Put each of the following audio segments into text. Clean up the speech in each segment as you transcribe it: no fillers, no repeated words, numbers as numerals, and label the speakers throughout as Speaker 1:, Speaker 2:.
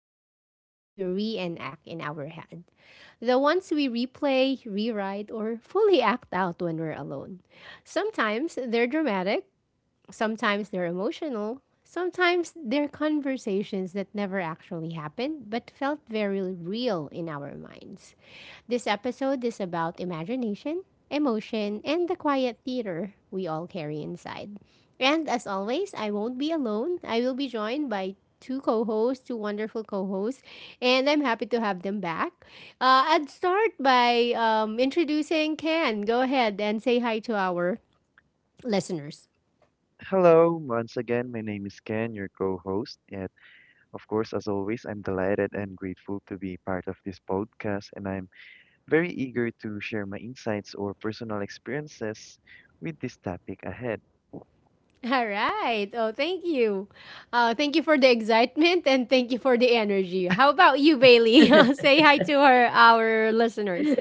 Speaker 1: about scenes we reenact in our head. The ones we replay, rewrite, or fully act out when we're alone. Sometimes they're dramatic, sometimes they're emotional. Sometimes they're conversations that never actually happened but felt very real in our minds. This episode is about imagination, emotion, and the quiet theater we all carry inside. And as always, I won't be alone. I will be joined by two co-hosts, two wonderful co-hosts, and I'm happy to have them back. I'd start by introducing Ken. Go ahead and say hi to our listeners.
Speaker 2: Hello, once again, my name is Ken, your co-host, and of course, as always, I'm delighted and grateful to be part of this podcast, and I'm very eager to share my insights or personal experiences with this topic ahead.
Speaker 1: All right. Oh, thank you. Thank you for the excitement and thank you for the energy. How about you, Bailey? Say hi to our listeners.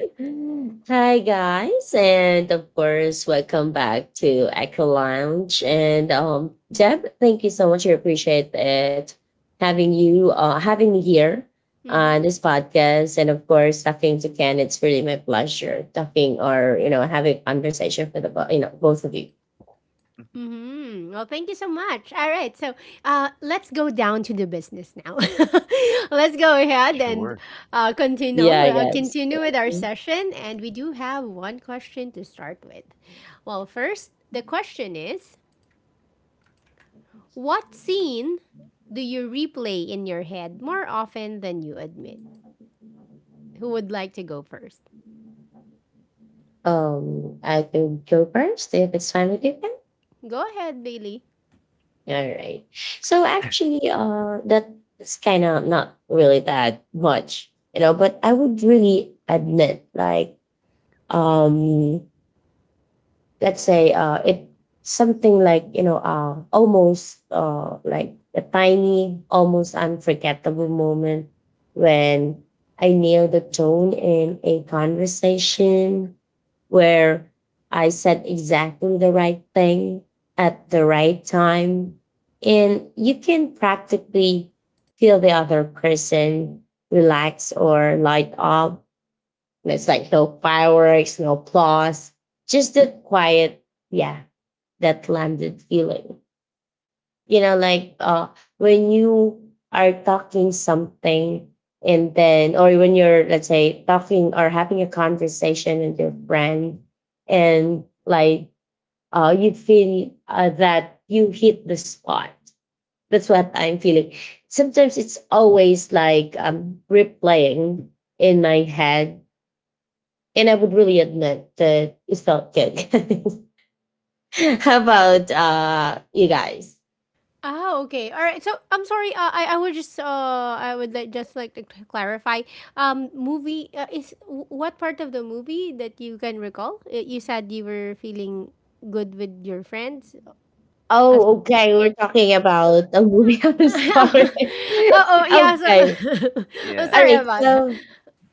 Speaker 3: Hi guys, and of course, welcome back to Echo Lounge. And Deb, thank you so much. I appreciate it having me here on
Speaker 1: Mm-hmm.
Speaker 3: this podcast, and of course, talking to Ken. It's really my pleasure talking or having conversation with the both of you.
Speaker 2: Mhm.
Speaker 1: Mm-hmm. Well, thank you so much. All right. So, let's go down to the business now. Let's go ahead and
Speaker 2: Sure.
Speaker 3: Yeah, guys.
Speaker 1: continue with our session. And we do have one question to start with. Well, first, the question is, what scene do you replay in your head more often than you admit? Who would like to go first?
Speaker 3: I can go first if it's fine with you, Ken.
Speaker 1: Go ahead, Bailey.
Speaker 3: All right. So actually, that's kind of not really that much. But I would really admit, like, um, let's say it something like almost like a tiny almost unforgettable moment when I nailed the tone in a conversation, where I said exactly the right thing at the right time, and you can practically feel the other person relax or light up. It's like no fireworks, no applause, just that quiet, yeah, that landed feeling. Like when you are talking something and then, or when you're, let's say, talking or having a conversation with your friend. And like, you feel that you hit the spot. That's what I'm feeling. Sometimes it's always like replaying in my head, and I would really admit that it felt good. How about you guys?
Speaker 1: Ah, okay. All right. So I'm sorry. I would just I would like just like to clarify. Movie is what part of the movie that you can recall? You said you were feeling good with your friends. Uh, as
Speaker 3: Oh, okay. We're talking about a movie on the story.
Speaker 1: oh, oh yeah.
Speaker 3: Okay.
Speaker 1: So I'm
Speaker 2: Yeah.
Speaker 3: All
Speaker 1: sorry
Speaker 3: right.
Speaker 1: about that.
Speaker 3: So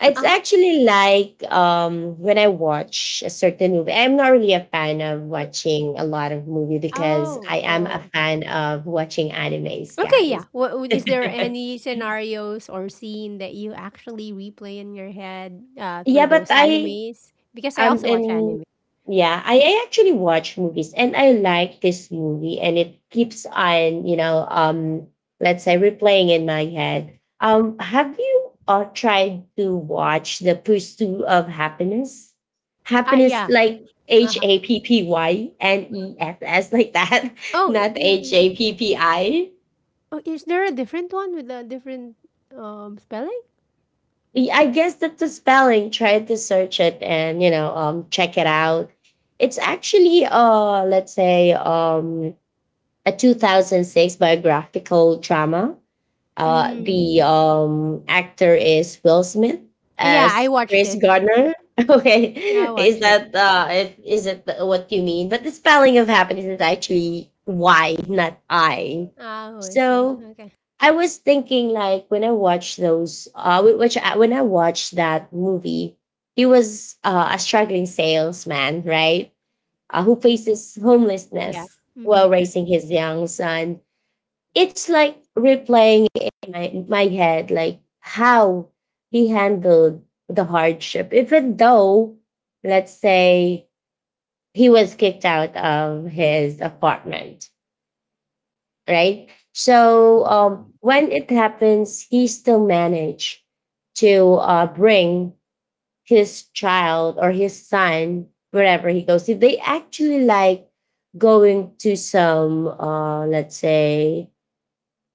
Speaker 3: it's
Speaker 1: I,
Speaker 3: actually like when I watch a certain movie. I'm not really a fan of watching a lot of movie, because
Speaker 1: oh,
Speaker 3: I am a
Speaker 1: oh,
Speaker 3: fan of watching animes,
Speaker 1: okay, yeah.
Speaker 3: guys.
Speaker 1: What is there any scenarios or scene that you actually replay in your head
Speaker 3: Yeah,
Speaker 1: through
Speaker 3: but
Speaker 1: those
Speaker 3: I
Speaker 1: animes? Because I also watch
Speaker 3: And
Speaker 1: anime.
Speaker 3: yeah, I actually watch movies, and I like this movie, and it keeps on, let's say, replaying in my head. Have you tried to watch The Pursuit of Happiness?
Speaker 1: Ah,
Speaker 3: Happiness,
Speaker 1: yeah.
Speaker 3: like H
Speaker 1: Uh-huh.
Speaker 3: A P P Y N E S S like that,
Speaker 1: Oh,
Speaker 3: not H
Speaker 1: is,
Speaker 3: A P P I.
Speaker 1: oh, is there a different one with a different spelling?
Speaker 3: I guess that the spelling. Try to search it, and, check it out. It's actually, let's say, a 2006 biographical drama,
Speaker 1: Mm.
Speaker 3: the actor is Will Smith
Speaker 1: Yeah, I
Speaker 3: as
Speaker 1: watched
Speaker 3: Chris
Speaker 1: it.
Speaker 3: Gardner. Okay,
Speaker 1: Yeah, I
Speaker 3: is
Speaker 1: watched it.
Speaker 3: that if- is it what you mean? But the spelling of happiness is actually Y, not I.
Speaker 1: Oh, I see.
Speaker 3: So
Speaker 1: Okay.
Speaker 3: I was thinking, like, when I watched those, when I watched that movie, he was a struggling salesman, right? Who faces
Speaker 1: Yeah.
Speaker 3: homelessness
Speaker 1: Mm-hmm,
Speaker 3: while
Speaker 1: true.
Speaker 3: raising his young son. It's like replaying in my head, like how he handled the hardship, even though, let's say, he was kicked out of his apartment, right? So
Speaker 2: Mhm,
Speaker 3: when it happens, he still managed to bring his child or his son wherever he goes. They actually, like, going to some, let's say,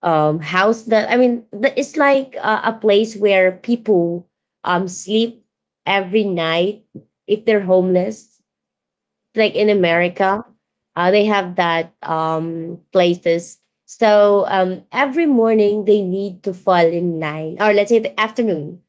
Speaker 3: house that, I mean, the, it's like a place where people sleep every night if they're homeless, like in
Speaker 2: mhm.
Speaker 3: America. They have that places. So every morning they need to fall in line, or let's say the afternoon.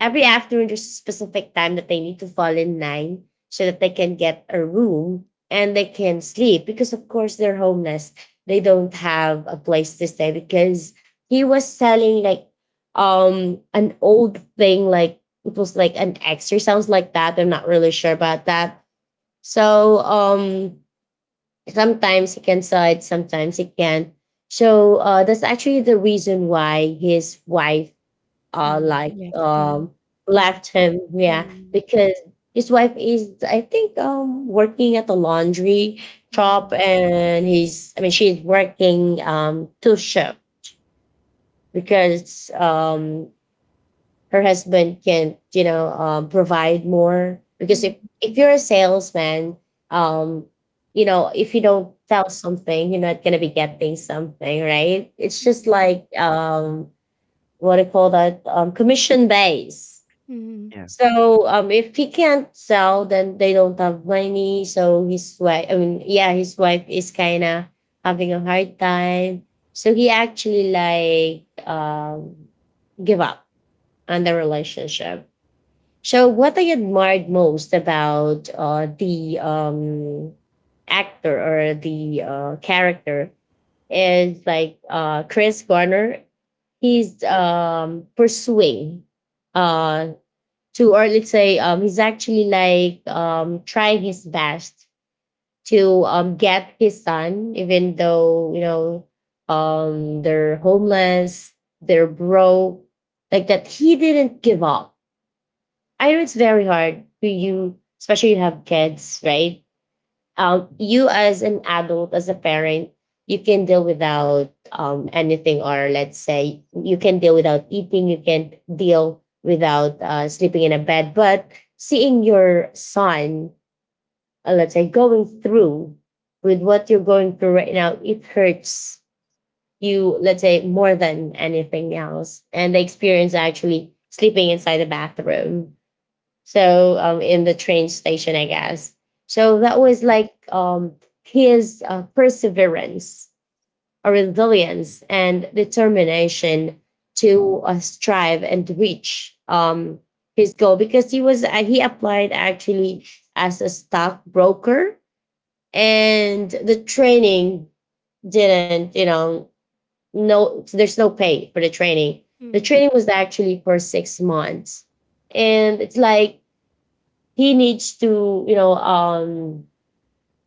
Speaker 3: Every afternoon there's a specific time that they need to fall in line so that they can get a room, and they can sleep, because of course they're homeless. They don't have a place to stay, because he was selling like an old thing, like it was like an X, or sounds like that. I'm not really sure about that. So sometimes he can saw it, sometimes he can't. So that's actually the reason why his wife uh
Speaker 1: Mm,
Speaker 3: like
Speaker 1: left him.
Speaker 3: um
Speaker 1: Mm,
Speaker 3: left him. Yeah,
Speaker 1: mm,
Speaker 3: because his wife is, I think, working at the laundry shop,
Speaker 1: mm,
Speaker 3: and he's I mean, she's working two shift, because her husband can, provide more. Because
Speaker 1: mm,
Speaker 3: if you're a salesman, um if you don't sell something, you're not going to be getting something, right? It's just
Speaker 1: mm,
Speaker 3: like, what do you call that, commission base.
Speaker 1: mm,
Speaker 2: Yeah.
Speaker 3: So if he can't sell, then they don't have money. So his wife, I mean, yeah, his wife is kind of having a hard time. So he actually, like, give up on the relationship. So, what I admired most about, the, actor, or the character, is like, Chris Garner. He's, pursuing, uh, to, or let's say, he's actually like, trying his best to, get his son, even though, they're homeless, they're broke, like that. He didn't give up. I know it's very hard for you, especially you have kids, right? You, as an adult, as a parent, you can deal without anything, or let's say, you can deal without eating, you can deal without sleeping in a bed. But seeing your son, let's say, going through with what you're going through right now, it hurts you, let's say, more than anything else. And the experience actually sleeping inside the bathroom, so in the train station, I guess. So that
Speaker 2: Mhm.
Speaker 3: was like, his perseverance, resilience, and determination to strive and reach his goal, because he applied actually as a stockbroker, and the training didn't, no, there's no pay for the training. The
Speaker 1: mm,
Speaker 3: training was actually for 6 months, and it's like he needs to,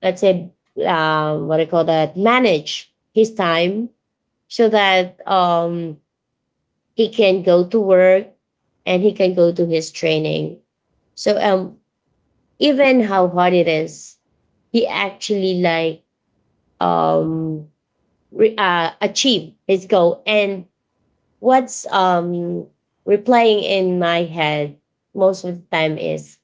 Speaker 3: let's say, what do you call that, manage his time, so that he can go to work and he can go to his training. So even how hard it is, he actually, like, um achieve his goal. And what's replaying in my head most of the time is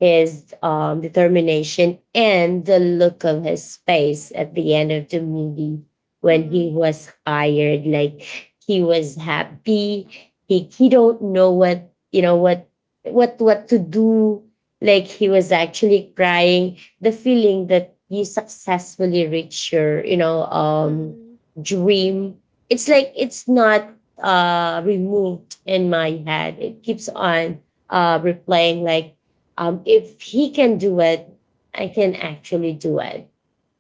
Speaker 3: his determination and the look of his face at the end of the movie,
Speaker 1: mm,
Speaker 3: when he
Speaker 1: mm,
Speaker 3: was hired. Like, he was happy, he don't know what you know what to do. Like, he was actually crying, the feeling that you successfully reach your
Speaker 1: mm,
Speaker 3: dream. It's like, it's not removed in my head. It keeps on replaying, like, if he can do it, I can actually do it.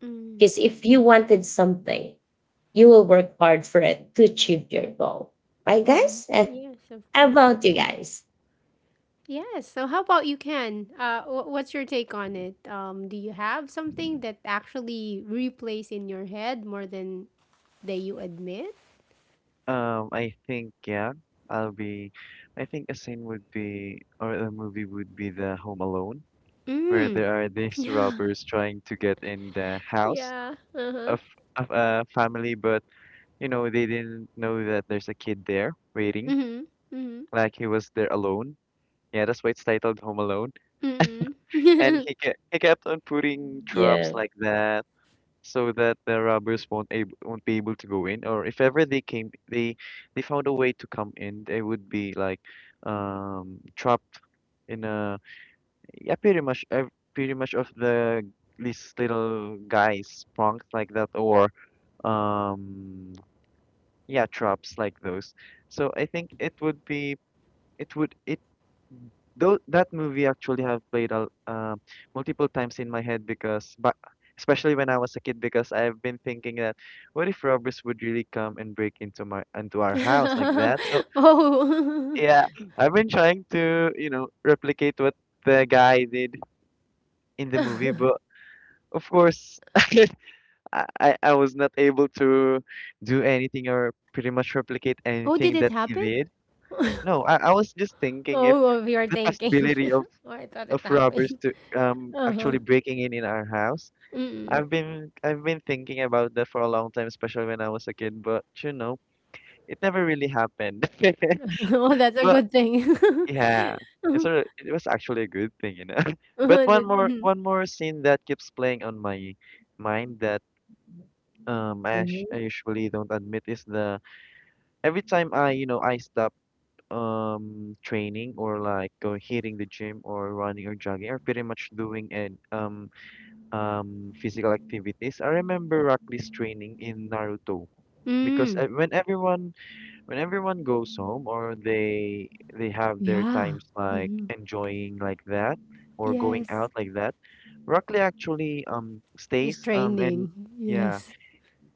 Speaker 1: mm.
Speaker 3: Because if you wanted something, you will work hard for it to achieve your goal. Right,
Speaker 1: Hmm.
Speaker 3: guys? And
Speaker 1: Yes, of
Speaker 3: how
Speaker 1: course.
Speaker 3: about you guys?
Speaker 1: Yes. So, how about you, Ken? What's your take on it? Do you have something that actually replays in your head more than that you admit?
Speaker 2: I think, yeah, I'll be, I think a scene would be, or a movie would be, the Home Alone, where
Speaker 1: Mm.
Speaker 2: there are these
Speaker 1: Yeah.
Speaker 2: robbers trying to get in the house
Speaker 1: Yeah. Uh huh.
Speaker 2: of of a family, but they didn't know that there's a kid there waiting,
Speaker 1: Mm hmm. Mm
Speaker 2: like he was there alone. Yeah, that's why it's titled Home Alone.
Speaker 1: hmm. Mm
Speaker 2: And
Speaker 1: hmm.
Speaker 2: he kept on putting traps
Speaker 3: Yeah.
Speaker 2: like that, so that the robbers won't be able to go in. Or if ever they came, they found a way to come in. They would be like trapped in a, yeah, pretty much of these little guys pranks like that, or um yeah, tropes like those. So I think it would be it would it though that movie actually have played out, multiple times in my head, because but especially when I was a kid, because I've been thinking that, what if robbers would really come and break into my into our house like that. So
Speaker 1: Oh.
Speaker 2: yeah, I've been trying to replicate what the guy did in the movie, but of course, I was not able to do anything or pretty much replicate
Speaker 1: Oh, did
Speaker 2: anything
Speaker 1: it
Speaker 2: that he
Speaker 1: happen?
Speaker 2: did. No, I was just thinking if
Speaker 1: Oh, of your
Speaker 2: the
Speaker 1: thinking.
Speaker 2: possibility of,
Speaker 1: Oh, I thought
Speaker 2: of
Speaker 1: it
Speaker 2: robbers
Speaker 1: happened.
Speaker 2: to
Speaker 1: Uh huh.
Speaker 2: actually breaking in our house.
Speaker 1: Mm.
Speaker 2: I've been thinking about that for a long time, especially when I was a kid. But, it never really happened.
Speaker 1: Oh, that's a
Speaker 2: But
Speaker 1: good thing.
Speaker 2: yeah, it's
Speaker 1: Uh-huh.
Speaker 2: a, it was actually a good thing. But
Speaker 1: Uh-huh.
Speaker 2: one
Speaker 1: That-
Speaker 2: more
Speaker 1: mhm.
Speaker 2: one more scene that keeps playing on my mind, that I
Speaker 3: Hmm.
Speaker 2: usually don't admit, is: the every time I you know I stop training, or like going hitting the gym, or running, or jogging, are pretty much doing, and physical activities. I remember Rockly's training in Naruto, because
Speaker 1: Mm.
Speaker 2: when everyone goes home, or they have their
Speaker 1: Yeah.
Speaker 2: times like
Speaker 1: Mhm.
Speaker 2: enjoying like that, or going out
Speaker 1: Yes,
Speaker 2: like that, Rockly actually
Speaker 1: it's
Speaker 2: stays, and
Speaker 1: training.
Speaker 2: yeah,
Speaker 1: Yes.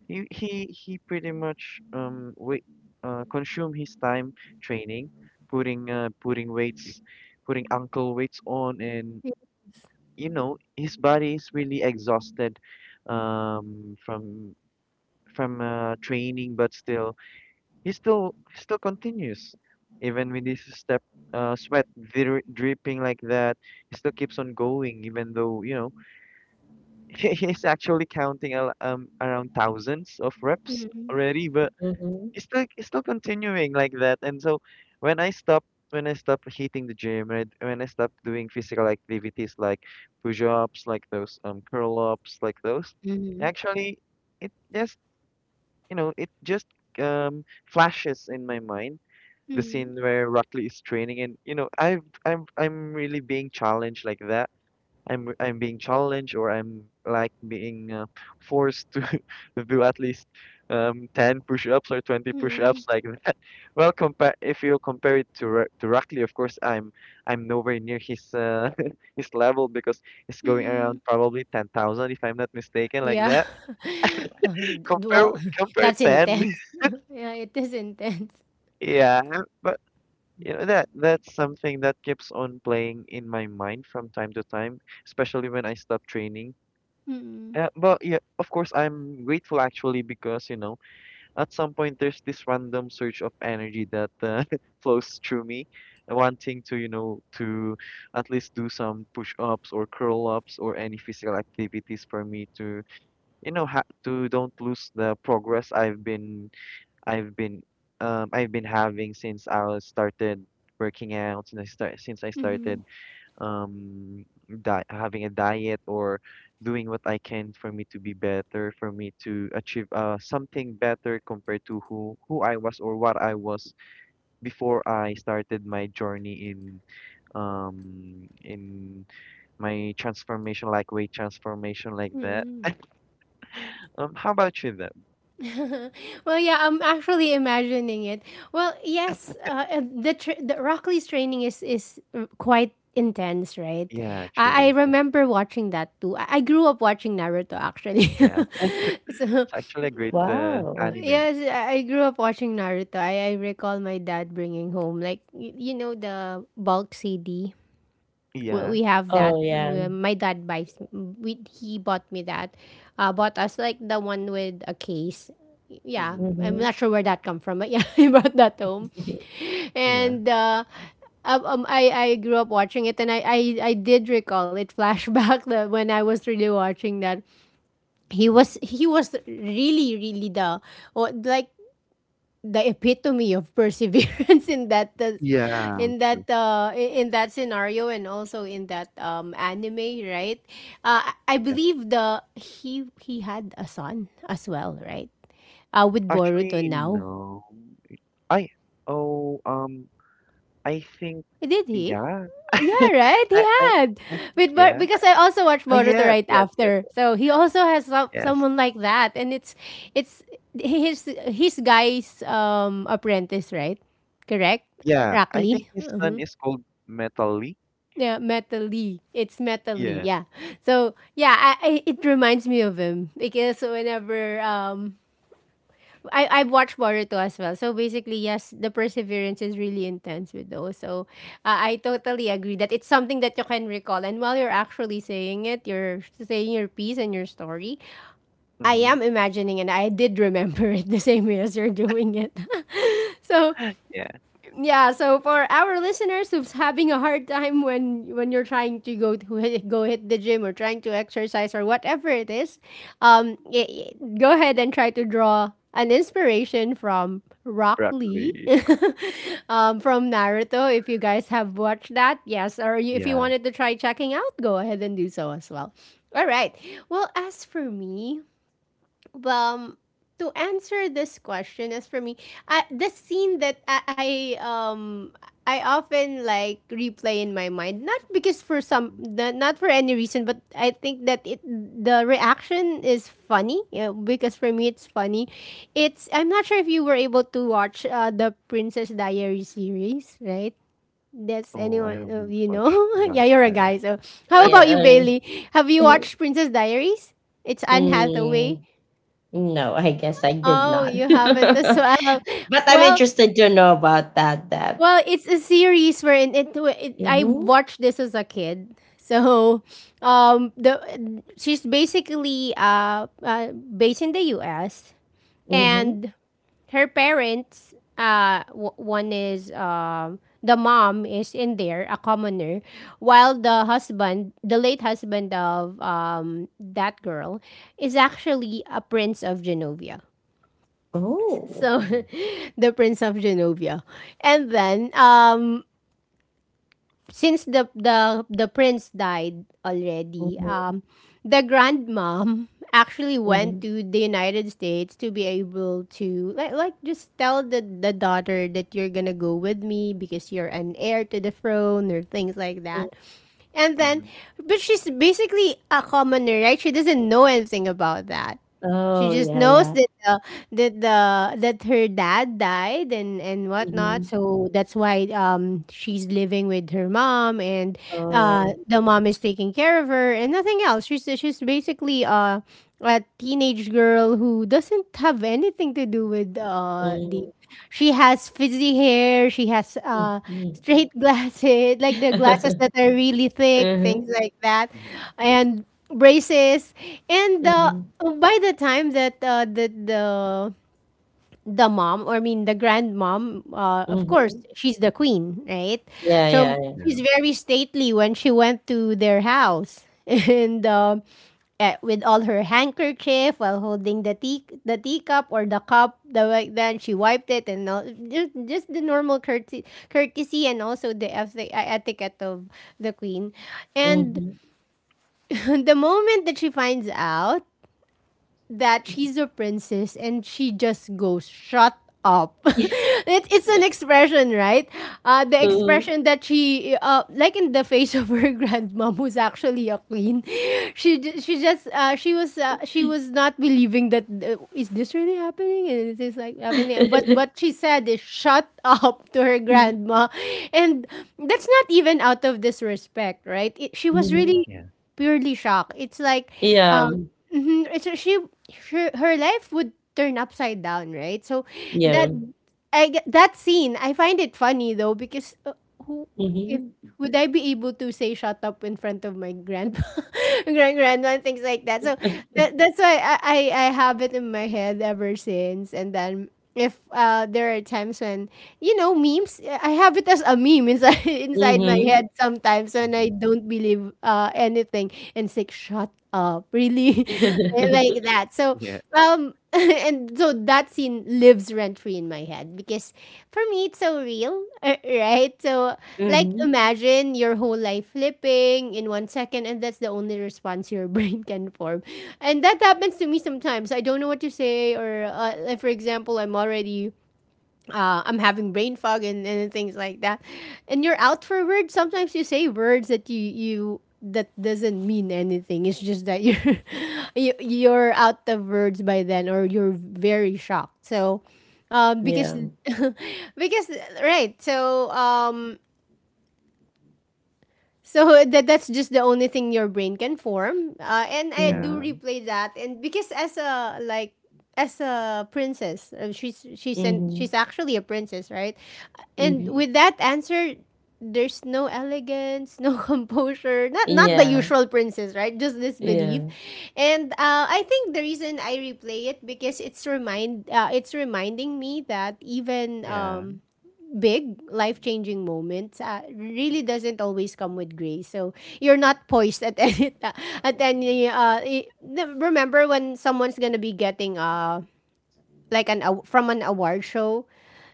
Speaker 2: he pretty much, wait consume his time training, putting weights, putting uncle weights on, and
Speaker 1: Y,
Speaker 2: his body is really exhausted, um from from training, but still he still continues, even with this step sweat dripping like that. He still keeps on going, even though he's actually counting around thousands of reps
Speaker 1: mm,
Speaker 2: already, but
Speaker 3: Hmm.
Speaker 2: it's still continuing like that. And so when I stop when I stop hitting the gym, when I stopped doing physical activities like push-ups, like those, curl-ups, like those,
Speaker 1: mhm,
Speaker 2: actually it just you know it just flashes in my mind, the
Speaker 1: mhm,
Speaker 2: scene where Rockley is training, and I'm really being challenged like that. I'm being challenged, or I'm like being, forced to do at least 10 push-ups or 20
Speaker 1: mhm,
Speaker 2: push-ups, like, well, compare if you compare it to Rackley. Of course, I'm nowhere near his, his level, because he's going
Speaker 1: mhm.
Speaker 2: around probably 10,000, if I'm not mistaken, like
Speaker 1: Yeah.
Speaker 2: that.
Speaker 1: D
Speaker 2: Compare
Speaker 1: well,
Speaker 2: compare
Speaker 1: that's
Speaker 2: ten,
Speaker 1: intense. Yeah, it is intense.
Speaker 2: yeah. But that's something that keeps on playing in my mind from time to time, especially when I stop training.
Speaker 1: Mm,
Speaker 2: But yeah, of course, I'm grateful actually, because, you know. At some point, there's this random surge of energy that, flows through me, wanting to, at least do some push-ups, or curl-ups, or any physical activities, for me to, don't lose the progress I've been I've been having, since I was started working out, since I started,
Speaker 1: mhm,
Speaker 2: um di having a diet, or doing what I can, for me to be better, for me to achieve something better, compared to who I was or what I was, before I started my journey in, in my transformation, like weight transformation, like that.
Speaker 1: mhm.
Speaker 2: How about you then?
Speaker 1: Well, yeah, I'm actually imagining it. Well, yes, the Rockley's training is quite intense, right?
Speaker 2: Yeah,
Speaker 1: I
Speaker 2: actually,
Speaker 1: remember watching that too. I grew up watching Naruto actually.
Speaker 2: yeah, it's
Speaker 1: So
Speaker 2: actually a great,
Speaker 3: Wow.
Speaker 2: anime.
Speaker 1: yes, I grew up watching Naruto. I recall my dad bringing home like you know the bulk CD, we
Speaker 2: Yeah,
Speaker 1: we have that.
Speaker 3: Oh, yeah.
Speaker 1: My dad buys. We, he bought me that. Bought us like the one with a case. Yeah,
Speaker 2: mm-hmm.
Speaker 1: I'm
Speaker 3: Hmm.
Speaker 1: not sure where that come from, but yeah, he brought that home,
Speaker 2: Yeah,
Speaker 1: and I grew up watching it, and I did recall it flashback that when I was really watching that he was really really the, or like the epitome of perseverance in that
Speaker 2: yeah, true.
Speaker 1: in that scenario, and also in that anime, right? I
Speaker 2: Yeah,
Speaker 1: believe the he had a son as well, right? Uh, with Boruto
Speaker 2: actually,
Speaker 1: now.
Speaker 2: no. I Oh, I think,
Speaker 1: Did he?
Speaker 2: yeah.
Speaker 1: Yeah,
Speaker 2: I
Speaker 1: right, he
Speaker 2: I I
Speaker 1: had
Speaker 2: think,
Speaker 1: with
Speaker 2: yeah.
Speaker 1: because I also watched
Speaker 2: Ah,
Speaker 1: Boruto
Speaker 2: yes,
Speaker 1: right
Speaker 2: yes, yes,
Speaker 1: after,
Speaker 2: yes.
Speaker 1: so he also has some,
Speaker 2: Yes.
Speaker 1: someone like that, and it's his guy's apprentice, right? Correct.
Speaker 2: Yeah, I
Speaker 1: Rackley.
Speaker 2: think his son is called Metallic.
Speaker 1: Yeah, Meta Lee. It's Meta Lee.
Speaker 2: Yeah.
Speaker 1: Yeah. So yeah, I it reminds me of him because whenever I've watched Boruto as well. So basically, yes, the perseverance is really intense with those. So I totally agree that it's something that you can recall. And while you're actually saying it, you're saying your piece and your story. I
Speaker 2: Mm-hmm.
Speaker 1: am imagining and I did remember it the same way as you're doing it. So
Speaker 2: Yeah,
Speaker 1: yeah, so for our listeners who's having a hard time when you're trying to go to go hit the gym or trying to exercise or whatever it is, um y- y- go ahead and try to draw an inspiration from Rock Lee
Speaker 2: Broccoli.
Speaker 1: from Naruto. If you guys have watched that, yes, or you, if you
Speaker 2: Yeah.
Speaker 1: wanted to try checking out, go ahead and do so as well. All right. Well, as for me, um to answer this question, as for me, the scene that I um I often like replay in my mind, not because for some,
Speaker 2: Mhm.
Speaker 1: not not for any reason, but I think that it, the reaction is funny. Yeah, because for me it's funny. It's, I'm not sure if you were able to watch the Princess Diary series, right? That's
Speaker 2: Oh, I
Speaker 1: anyone of
Speaker 2: haven't
Speaker 1: you know.
Speaker 2: watched about
Speaker 1: Yeah, you're a guy,
Speaker 2: that.
Speaker 1: so how about you,
Speaker 3: Yeah.
Speaker 1: Bailey? Have you
Speaker 3: um,
Speaker 1: watched Princess Diaries? It's Anne Hathaway.
Speaker 3: Mm, no, I guess I did
Speaker 1: Oh,
Speaker 3: not.
Speaker 1: you haven't as well.
Speaker 3: But I'm
Speaker 1: Well,
Speaker 3: interested to know about that, Deb.
Speaker 1: well, it's a series wherein it I
Speaker 3: Mhm,
Speaker 1: watched this as a kid. So, the, she's basically based in the U.S.
Speaker 3: mhm.
Speaker 1: And her parents, one is, the mom is in there a commoner, while the husband, the late husband of that girl, is actually a prince of Genovia.
Speaker 3: Oh.
Speaker 1: So
Speaker 2: Oh.
Speaker 1: the prince of Genovia. And then since the prince died already,
Speaker 3: Mhm,
Speaker 1: the grandmom actually went
Speaker 3: mhm,
Speaker 1: to the United States to be able to like just tell the daughter that you're gonna go with me because you're an heir to the throne, or things like
Speaker 3: mm.
Speaker 1: that. And then,
Speaker 2: Mm-hmm.
Speaker 1: but she's basically a commoner, right? She doesn't know anything about that. She
Speaker 3: Oh,
Speaker 1: just
Speaker 3: yeah,
Speaker 1: knows
Speaker 3: yeah.
Speaker 1: that that the that her dad died and whatnot,
Speaker 3: Mhm.
Speaker 1: so that's why she's living with her mom, and
Speaker 3: Oh.
Speaker 1: the mom is taking care of her and nothing else. She's basically a teenage girl who doesn't have anything to do with
Speaker 3: Mhm,
Speaker 1: the. She has frizzy hair. She has
Speaker 3: mhm.
Speaker 1: straight glasses, like the glasses that are really thick, things
Speaker 3: Mhm,
Speaker 1: like that,
Speaker 2: Mm-hmm.
Speaker 1: and braces, and
Speaker 3: mhm,
Speaker 1: by the time that the mom, or I mean the grandmom, of course
Speaker 3: mhm.
Speaker 1: she's the queen, right?
Speaker 3: Yeah, yeah,
Speaker 1: So
Speaker 3: yeah.
Speaker 2: Yeah.
Speaker 1: she's very stately when she went to their house, and with all her handkerchief while holding the tea, the teacup, or the cup the like, then she wiped it and all, just the normal courtesy, courtesy, and also the etiquette of the queen. And
Speaker 3: Mhm,
Speaker 1: the moment that she finds out that
Speaker 3: mhm.
Speaker 1: she's a princess, and she just goes shut up. It, it's an expression, right? The
Speaker 2: Mm-hmm.
Speaker 3: Mhm.
Speaker 1: expression that she like in the face of her grandmom, who's actually a queen. She she just she was not believing that, is this really happening, and it is this like happening, but
Speaker 3: Mhm.
Speaker 1: what she said is shut up to her grandma. And that's not even out of disrespect, right? It, she was really
Speaker 2: Yeah.
Speaker 1: purely shocked. It's like
Speaker 3: Yeah,
Speaker 1: um, mhm, it's her, she her her life would turn upside down, right? So that,
Speaker 3: yeah.
Speaker 1: that scene, I find it funny though because who if
Speaker 3: Mhm,
Speaker 1: would I be able to say shut up in front of my grandpa, grand grandma, and things like that? So that, that's why I I have it in my head ever since. And then if there are times when you know memes, I have it as a meme inside inside my
Speaker 3: mhm.
Speaker 1: head sometimes when I
Speaker 2: Mm-hmm.
Speaker 1: don't believe anything and say shut up really.
Speaker 3: Mhm.
Speaker 1: Like that. So
Speaker 2: Yeah.
Speaker 1: and so that scene lives rent free in my head because for me it's so real. Uh, right, so like imagine your whole life flipping in 1 second, and that's the only response your brain can form. And that happens to me sometimes. I don't know what to say, or like, for example, I'm already I'm having brain fog, and things like that. And you're out for words. Sometimes you say words that you that doesn't mean anything. It's just that you're you, you're out of words by then, or you're very shocked. So, because
Speaker 3: Yeah.
Speaker 1: because right. So so that, that's just the only thing your brain can form. And I do
Speaker 2: Yeah.
Speaker 3: Mhm,
Speaker 1: replay that, and because as a like as a princess,
Speaker 3: mhm,
Speaker 1: she's actually a princess, right? And
Speaker 2: Mm-hmm.
Speaker 3: mhm.
Speaker 1: with that answer, there's no elegance, no composure, not the
Speaker 3: Yeah,
Speaker 1: usual princess, right? Just this belief.
Speaker 3: yeah.
Speaker 1: And I think the reason I replay it because it's reminding me that even
Speaker 2: Yeah.
Speaker 1: big life-changing moments really doesn't always come with grace. So you're not poised at any ti- at any remember when someone's gonna be getting like from an award show,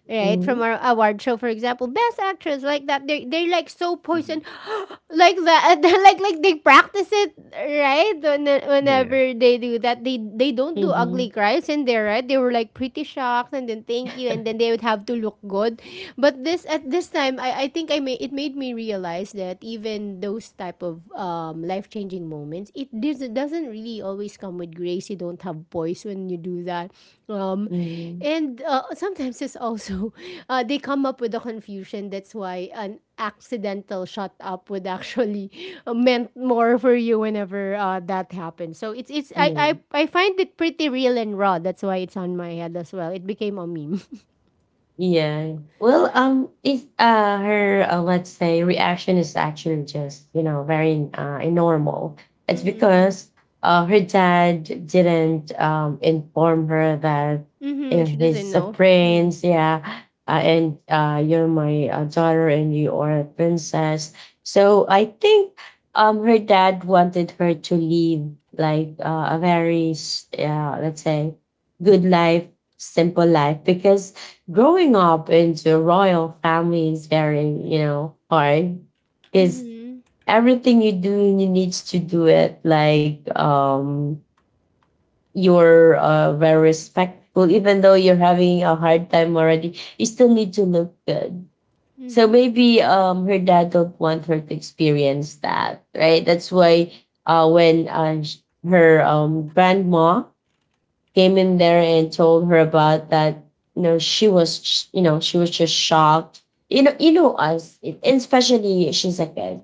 Speaker 1: right? From
Speaker 3: Mhm,
Speaker 1: our award show, for example, best actress, like that, they they're like so poisoned
Speaker 2: Mm-hmm.
Speaker 1: like that, like they practice it, right? When,
Speaker 2: Yeah.
Speaker 1: whenever they do that, they don't do ugly
Speaker 3: mhm,
Speaker 1: cries in there, right? They were like pretty shocked, and then thank you, and then they would have to look good. But this time, I think I made it made me realize that even those type of life changing moments, doesn't really always come with grace. You don't have voice when you do that. Um,
Speaker 3: mhm,
Speaker 1: and Sometimes it's also, they come up with a confusion. That's why an accidental shut up would actually meant more for you whenever that happens. So it's, it's I,
Speaker 3: yeah.
Speaker 1: I, I find it pretty real and raw. That's why it's on my head as well. It became a meme.
Speaker 3: Yeah. Well, is her let's say, reaction is actually just, very normal. It's
Speaker 1: Mm-mm.
Speaker 3: because her dad didn't inform her that,
Speaker 1: Mm-hmm. She doesn't
Speaker 3: he's a
Speaker 1: know. Mm.
Speaker 3: prince, yeah, and you're my daughter, and you are a princess. So I think her dad wanted her to live like, a very let's say, good life, simple life, because growing up into a royal family is very, hard, because
Speaker 1: Mm-hmm.
Speaker 3: everything you do, you need to do it like, you're very respectful. Even though you're having a hard time already, you still need to look good. So
Speaker 1: Mm-hmm.
Speaker 3: maybe her dad don't want her to experience that, right? That's why when, her grandma came in there and told her about that. You know, she was just shocked. You know us, and especially she's a kid,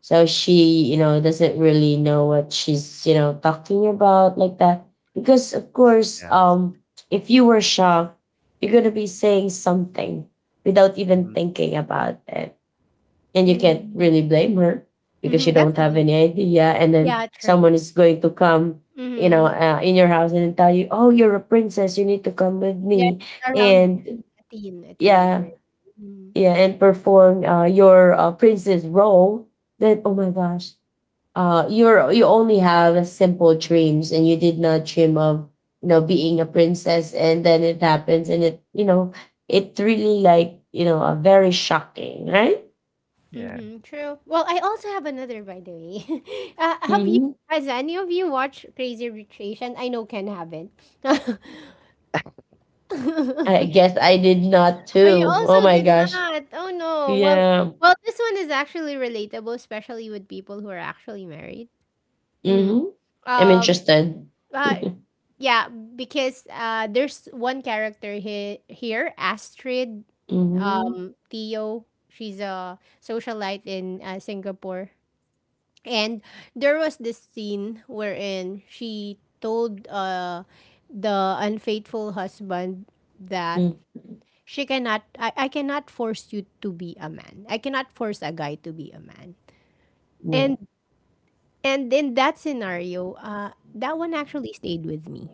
Speaker 3: so she, doesn't really know what she's, talking about, like that. Because of
Speaker 2: Yeah.
Speaker 3: course,
Speaker 2: Yeah.
Speaker 3: if you were shocked, you're gonna be saying something without even
Speaker 2: Mm-hmm.
Speaker 3: thinking about it, and you can't
Speaker 1: Mm-hmm.
Speaker 3: really blame her, because
Speaker 1: Mm-hmm.
Speaker 3: you don't have
Speaker 1: Definitely.
Speaker 3: any idea, and then
Speaker 1: Yeah, true.
Speaker 3: someone is going to come,
Speaker 1: Mhm.
Speaker 3: in your house, and tell you, oh, you're a princess, you need to come with
Speaker 1: Yeah,
Speaker 3: me.
Speaker 1: it's around
Speaker 3: And
Speaker 1: a
Speaker 3: yeah,
Speaker 1: teenager. Mhm.
Speaker 3: yeah, and perform your princess role. Then, oh my gosh, you only have simple dreams, and you did not dream of, being a princess, and then it happens, and it, it really, like, a very shocking, right?
Speaker 2: Yeah.
Speaker 1: Mhm, true. Well, I also have another, by the way. Have you, has any of you watched Crazy Rich Asian? I know Ken haven't.
Speaker 3: I guess I did not
Speaker 1: Oh, you
Speaker 3: too. Oh
Speaker 1: also
Speaker 3: my
Speaker 1: did
Speaker 3: gosh.
Speaker 1: not. Oh no. Well,
Speaker 3: Yeah.
Speaker 1: well, this one is actually relatable, especially with people who are actually married. Mm-hmm.
Speaker 3: Mm-hmm. I'm
Speaker 1: Um,
Speaker 3: interested.
Speaker 1: Uh,
Speaker 3: Mm-hmm.
Speaker 1: yeah, because there's one character here, Astrid, Theo. She's a socialite in Singapore, and there was this scene wherein she told the unfaithful husband that
Speaker 3: Mm-hmm. Yeah.
Speaker 1: she cannot, I cannot force you to be a man. I cannot force a guy to be a man. And in that scenario, that one actually stayed with me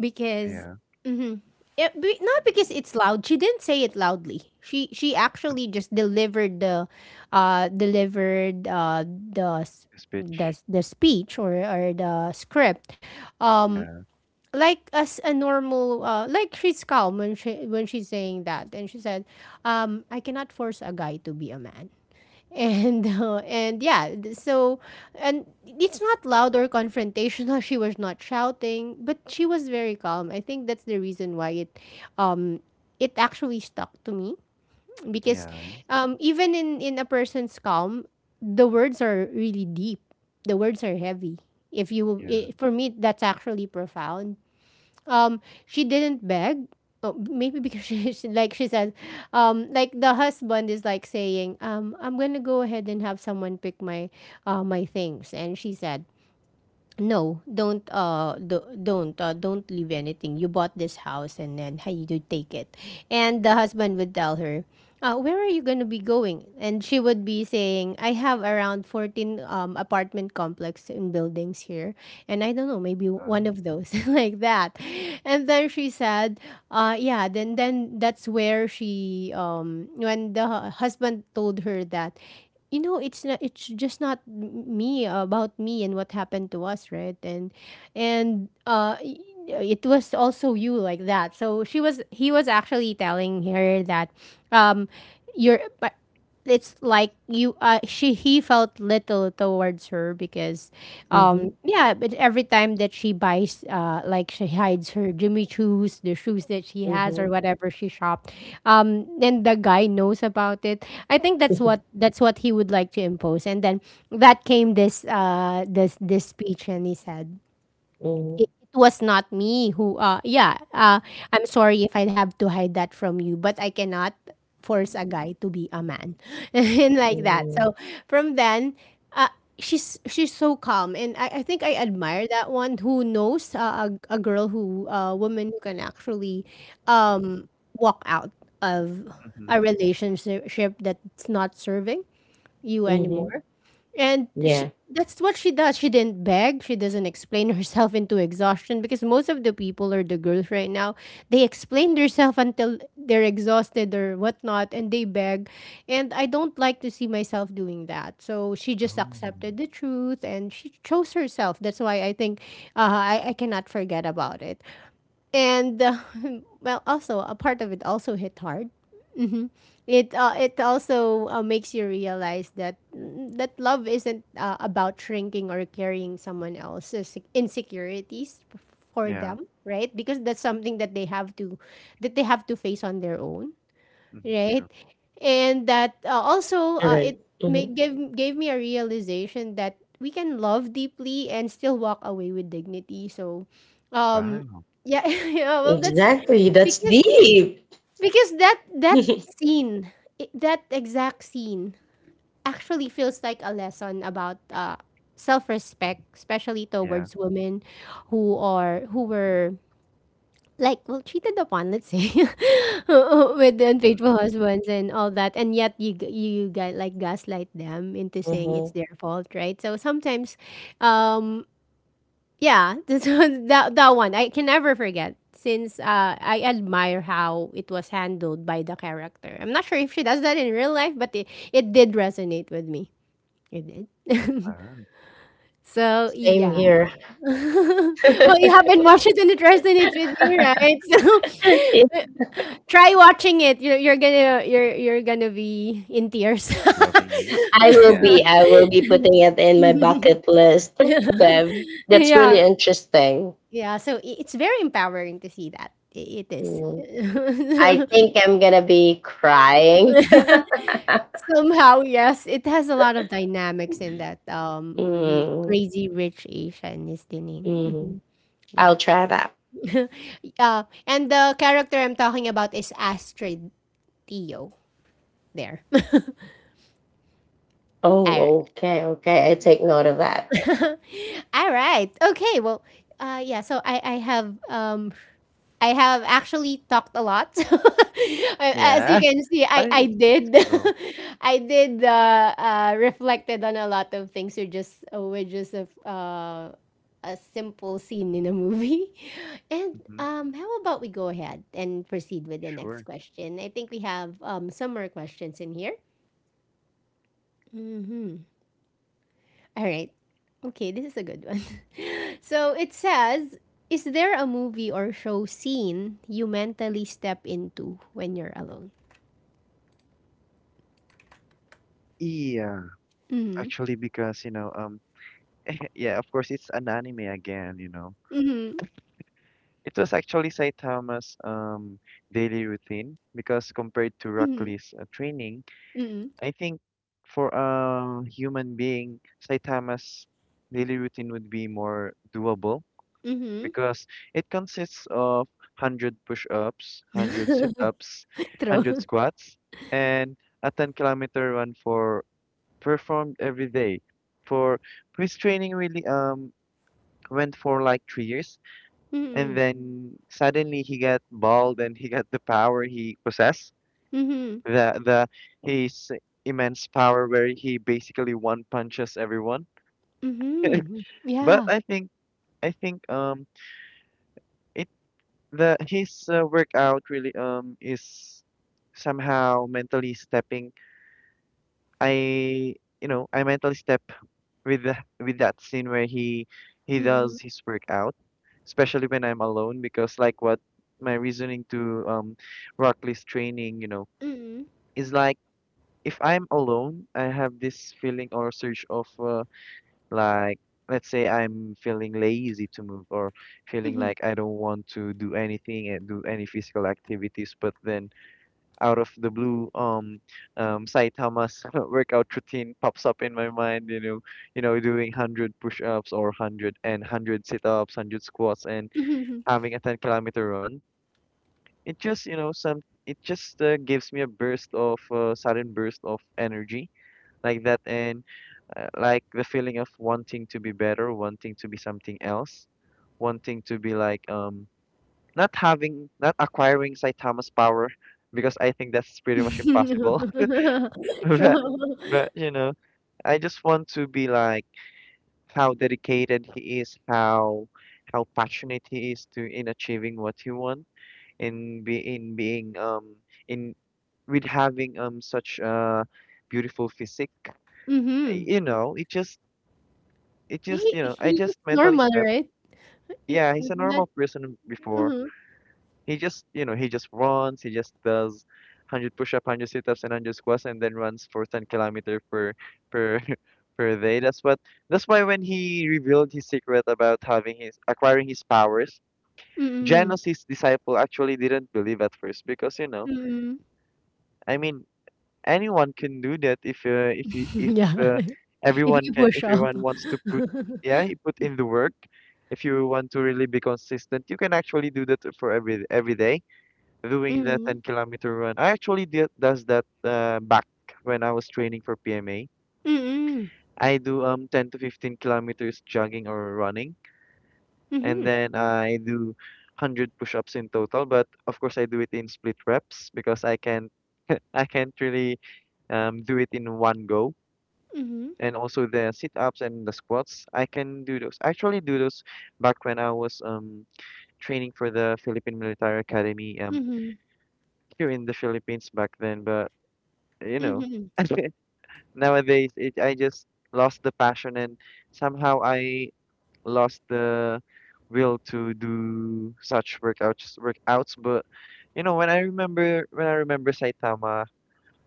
Speaker 1: because
Speaker 2: Yeah.
Speaker 1: mhm. Yeah, be, not because it's loud. She didn't say it loudly. She actually just delivered the s-
Speaker 2: This
Speaker 1: the,
Speaker 2: bitch.
Speaker 1: s- the speech or the script. Um,
Speaker 2: Yeah.
Speaker 1: like as a normal like she's calm when she's saying that, and she said, I cannot force a guy to be a man. And Yeah, so, and it's not loud or confrontational. She was not shouting, but she was very calm. I think that's the reason why it, um it actually stuck to me, because
Speaker 2: Yeah.
Speaker 1: even in a person's calm, the words are really deep, the words are heavy. If you I
Speaker 2: Yeah.
Speaker 1: For me, that's actually profound. She didn't beg. Oh, maybe because she says, like the husband is like saying, I'm gonna go ahead and have someone pick my my things. And she said, no, don't do, don't leave anything. You bought this house, and then how you do take it. And the husband would tell her, where are you going to be going? And she would be saying, I have around 14 apartment complex and buildings here. And I don't know, maybe
Speaker 2: Uh,
Speaker 1: one of those. Like that. And then she said, yeah, then that's where she when husband told her that, you know, it's not, it's just not m- me, about me and what happened to us, right? And uh y- it was also you, like that. So she was, he was actually telling her that, um you're but it's like you, she he felt little towards her because,
Speaker 3: Mm-hmm.
Speaker 1: yeah, but every time that she buys, like she hides her Jimmy Choos, the shoes that she has
Speaker 3: Mm-hmm.
Speaker 1: or whatever she shopped, then the guy knows about it. I think that's what he would like to impose. And then that came this this speech, and he said,
Speaker 3: Mm-hmm.
Speaker 1: it was not me who I'm sorry if I have to hide that from you, but I cannot force a guy to be a man. And like that. So from then, uh she's so calm, and I think I admire that one. Who knows, a girl, who a woman who can actually um walk out of
Speaker 2: Mhm.
Speaker 1: a relationship that's not serving you
Speaker 3: Mm-hmm.
Speaker 1: anymore. And
Speaker 3: Yeah.
Speaker 1: she, that's what she does. She didn't beg. She doesn't explain herself into exhaustion, because most of the people or the girls right now, they explain themselves until they're exhausted or whatnot, and they beg. And I don't like to see myself doing that. So she just
Speaker 2: Oh,
Speaker 1: accepted the truth and she chose herself. That's why I think, I cannot forget about it. And, well, also, a part of it also hit hard. Hmm. It also makes you realize that love isn't about shrinking or carrying someone else's insecurities for
Speaker 2: yeah.
Speaker 1: them, right? Because that's something that they have to, that they have to face on their own,
Speaker 2: Mhm,
Speaker 1: right?
Speaker 2: true.
Speaker 1: And that, also
Speaker 3: Correct.
Speaker 1: it
Speaker 3: Mm-hmm.
Speaker 1: make, gave gave me a realization that we can love deeply and still walk away with dignity. So, um,
Speaker 2: Wow.
Speaker 1: yeah, yeah. Well, that's
Speaker 3: Exactly. That's
Speaker 1: because,
Speaker 3: deep.
Speaker 1: that scene, that exact scene actually feels like a lesson about self-respect, especially
Speaker 2: Yeah.
Speaker 1: towards women who were like, well, cheated upon, let's say, with the unfaithful
Speaker 2: Mhm, mhm.
Speaker 1: husbands and all that, and yet you you guys like gaslight them into saying it's
Speaker 3: Mm-hmm.
Speaker 1: their fault, right? So sometimes, um, yeah, this was that that one I can never forget, since I admire how it was handled by the character. I'm not sure if she does that in real life, but it did resonate with me. It did.
Speaker 2: Wow.
Speaker 1: So
Speaker 3: Same
Speaker 1: yeah.
Speaker 3: here.
Speaker 1: Well, you haven't watched it and it resonates with you, right? So try watching it. You're gonna, you're gonna be in tears.
Speaker 2: Loving it.
Speaker 3: I will
Speaker 2: Yeah.
Speaker 3: be. I will be putting it in my bucket list. But that's really
Speaker 1: Yeah,
Speaker 3: interesting.
Speaker 1: yeah, so I it's very empowering to see that. I it is.
Speaker 3: Mm. I think I'm gonna be crying.
Speaker 1: Somehow, yes, it has a lot of dynamics in that, movie.
Speaker 3: Mm,
Speaker 1: Crazy Rich Asian is the name. Mhm.
Speaker 3: mm.
Speaker 1: Yeah.
Speaker 3: I'll try that.
Speaker 1: And the character I'm talking about is Astrid Theo there. Ar-
Speaker 3: Oh, okay, okay. I take note of that.
Speaker 1: All right. Okay. Well, yeah. So I have actually talked a lot. As you
Speaker 2: Yeah.
Speaker 1: can see,
Speaker 2: But it
Speaker 1: I
Speaker 2: is it's
Speaker 1: did.
Speaker 2: cool.
Speaker 1: I did reflected on a lot of things. You're just, we're just a simple scene in a movie. And
Speaker 2: Hmm.
Speaker 1: how about we go ahead and proceed with the next
Speaker 2: Sure.
Speaker 1: question? I think we have some more questions in here. Mm-hmm. All right. Okay, this is a good one. So it says, is there a movie or show scene you mentally step into when you're alone?
Speaker 2: Yeah.
Speaker 1: Mhm.
Speaker 2: Actually, because, yeah, of course, it's an anime again.
Speaker 1: Mhm.
Speaker 2: It was actually Saitama's daily routine, because compared to Rock
Speaker 1: Mhm.
Speaker 2: Lee's, training,
Speaker 1: Mhm.
Speaker 2: I think, for a human being, Saitama's daily routine would be more doable,
Speaker 1: Mhm.
Speaker 2: because it consists of 100 push-ups, 100 sit-ups, 100
Speaker 1: True.
Speaker 2: squats, and a 10-kilometer run for performed every day. For his training really went for like 3 years, and
Speaker 1: Mhm.
Speaker 2: then suddenly he got bald and he got the power he possessed,
Speaker 1: Mhm.
Speaker 2: the his immense power, where he basically one punches everyone.
Speaker 1: Mhm.
Speaker 2: But
Speaker 1: Yeah.
Speaker 2: I think it. The His, workout really is somehow mentally stepping, I you know I mentally step with, with that scene where he
Speaker 1: Mhm.
Speaker 2: does his workout, especially when I'm alone. Because, like what, my reasoning to, Rockley's training,
Speaker 1: Mhm.
Speaker 2: is like: if I'm alone, I have this feeling or surge of, like, let's say I'm feeling lazy to move, or feeling
Speaker 1: Mhm.
Speaker 2: like I don't want to do anything and do any physical activities. But then, out of the blue, Saitama's workout routine pops up in my mind. Doing 100 push-ups, or hundred and hundred sit-ups, 100 squats, and
Speaker 1: Mhm.
Speaker 2: having a 10-kilometer run. It just, you know, some it just gives me a burst of sudden burst of energy like that, and, like the feeling of wanting to be better, wanting to be something else, wanting to be like, not acquiring Saitama's power, because I think that's pretty much impossible. But
Speaker 1: True.
Speaker 2: but I just want to be like how dedicated he is, how passionate he is, to in achieving what he want, in be in being, in with having, such a beautiful physique.
Speaker 1: Mhm.
Speaker 2: You know, it just, I
Speaker 1: He looks
Speaker 2: just mentally
Speaker 1: normal,
Speaker 2: step.
Speaker 1: right? He-
Speaker 2: Yeah, he's a
Speaker 1: not.
Speaker 2: normal person before.
Speaker 1: Mhm.
Speaker 2: He just runs. He just does. 100 push-up, 100 sit-ups, and 100 squats, and then runs for 10 kilometer per per day. That's why, when he revealed his secret about having his acquiring his powers,
Speaker 1: Mhm.
Speaker 2: Janus, his disciple, actually didn't believe at first, because,
Speaker 1: Mhm.
Speaker 2: I mean, anyone can do that if, if you if
Speaker 1: Yeah.
Speaker 2: uh,
Speaker 1: If
Speaker 2: everyone
Speaker 1: you
Speaker 2: can,
Speaker 1: push
Speaker 2: if
Speaker 1: up.
Speaker 2: everyone wants to put, yeah, he put in the work. If you want to really be consistent, you can actually do that for every day, doing the
Speaker 1: Mm.
Speaker 2: 10-kilometer run. I actually did does that, back when I was training for PMA.
Speaker 1: Mm-mm.
Speaker 2: I do 10 to 15 kilometers jogging or running, and
Speaker 1: Mhm.
Speaker 2: then I do 100 push-ups in total. But of course, I do it in split reps, because I can, I can't really, do it in one go.
Speaker 1: Mhm.
Speaker 2: And also the sit-ups and the squats, I can do those. I actually do those back when I was training for the Philippine Military Academy,
Speaker 1: Mhm.
Speaker 2: here in the Philippines back then. But, you know,
Speaker 1: Mhm.
Speaker 2: nowadays it I just lost the passion, and somehow I lost the will to do such workouts. But when I remember Saitama,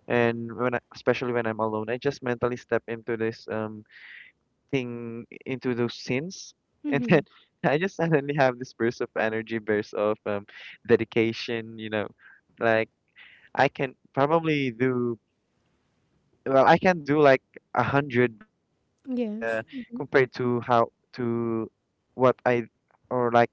Speaker 2: and especially when I'm alone, I just mentally step into, this thing into those scenes, and then
Speaker 1: Mhm.
Speaker 2: I just suddenly have this burst of energy, burst of, dedication, like, I can probably do, well, I can do like 100 back when, like,
Speaker 1: Yes. Mhm.
Speaker 2: compared to how to what I or like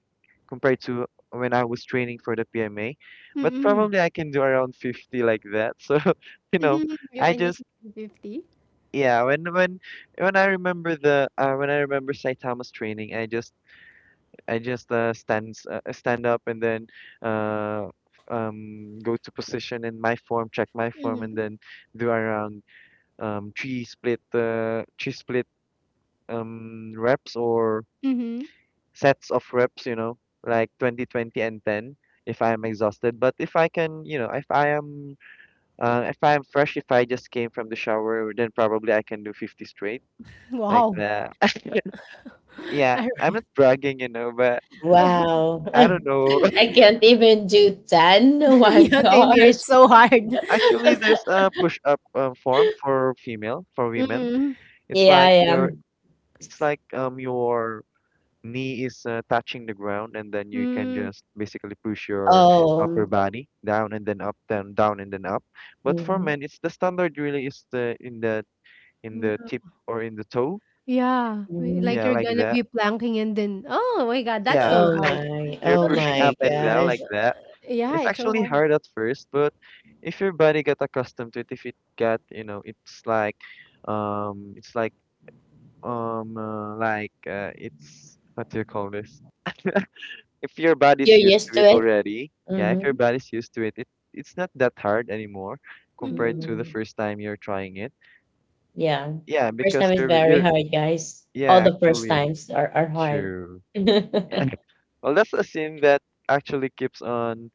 Speaker 2: compared to when I was training for the PMA, but
Speaker 1: Mm-mm.
Speaker 2: probably I can do around 50 like that. So, you know,
Speaker 1: Mhm. You
Speaker 2: I
Speaker 1: can
Speaker 2: just
Speaker 1: easily do 50.
Speaker 2: yeah, when I remember the when I remember Saitama's training, I just I just stand up and then uh go to position in my form, check my form, and
Speaker 1: Mhm.
Speaker 2: then do around three split reps or
Speaker 1: Mhm.
Speaker 2: sets of reps, you know, like 20, 20, and 10 if I am exhausted. But if I can, you know, if I am fresh, if I just came from the shower, then probably I can do 50 straight like
Speaker 1: Wow.
Speaker 2: that. Yeah, I'm not
Speaker 1: Alright.
Speaker 2: bragging, you know, but
Speaker 3: Wow.
Speaker 2: I don't know.
Speaker 3: I can't even do 10. Oh my
Speaker 1: Yeah, same here.
Speaker 3: gosh.
Speaker 1: It's so hard.
Speaker 2: Actually, there's a push-up form for female, for women.
Speaker 1: Mm.
Speaker 2: It's
Speaker 3: Yeah, I
Speaker 2: like your,
Speaker 3: am.
Speaker 2: it's like your knee is touching the ground, and then you can
Speaker 1: Mm.
Speaker 2: just basically push your upper
Speaker 3: Um,
Speaker 2: body down and then up, down, down, and then up. But for
Speaker 3: mhm,
Speaker 2: men, it's the standard really is the in the in the
Speaker 1: Yeah.
Speaker 2: tip or in the toe.
Speaker 1: Yeah. We-
Speaker 3: mhm.
Speaker 1: Like
Speaker 2: Yeah,
Speaker 1: you're
Speaker 2: like
Speaker 1: gonna
Speaker 2: that.
Speaker 1: be planking and then, oh my God, that's
Speaker 2: Yeah.
Speaker 1: so
Speaker 3: Oh
Speaker 1: hard.
Speaker 3: my,
Speaker 2: You're
Speaker 3: oh
Speaker 2: pushing
Speaker 3: my
Speaker 2: up and down like
Speaker 3: gosh.
Speaker 2: that.
Speaker 1: Yeah,
Speaker 2: It's
Speaker 1: it's so
Speaker 2: actually
Speaker 1: hard.
Speaker 2: hard at first, but if your body got accustomed to it, if it got, you know, it's like um it's like it's what do you call this? If your
Speaker 3: You're
Speaker 2: body's used
Speaker 3: used
Speaker 2: to
Speaker 3: to
Speaker 2: it
Speaker 3: it?
Speaker 2: already, yeah, if your
Speaker 3: Mm-hmm.
Speaker 2: body's used to it, it, it's not that hard anymore compared
Speaker 1: Mm-hmm.
Speaker 2: to the
Speaker 3: Mm-hmm.
Speaker 2: first time you're trying it.
Speaker 3: Yeah.
Speaker 2: Yeah,
Speaker 3: First
Speaker 2: because
Speaker 3: time is very
Speaker 2: you're
Speaker 3: hard, guys. All
Speaker 2: Yeah,
Speaker 3: the first
Speaker 2: actually
Speaker 3: times are, hard.
Speaker 2: true. Yeah. Well, that's a scene that actually keeps on,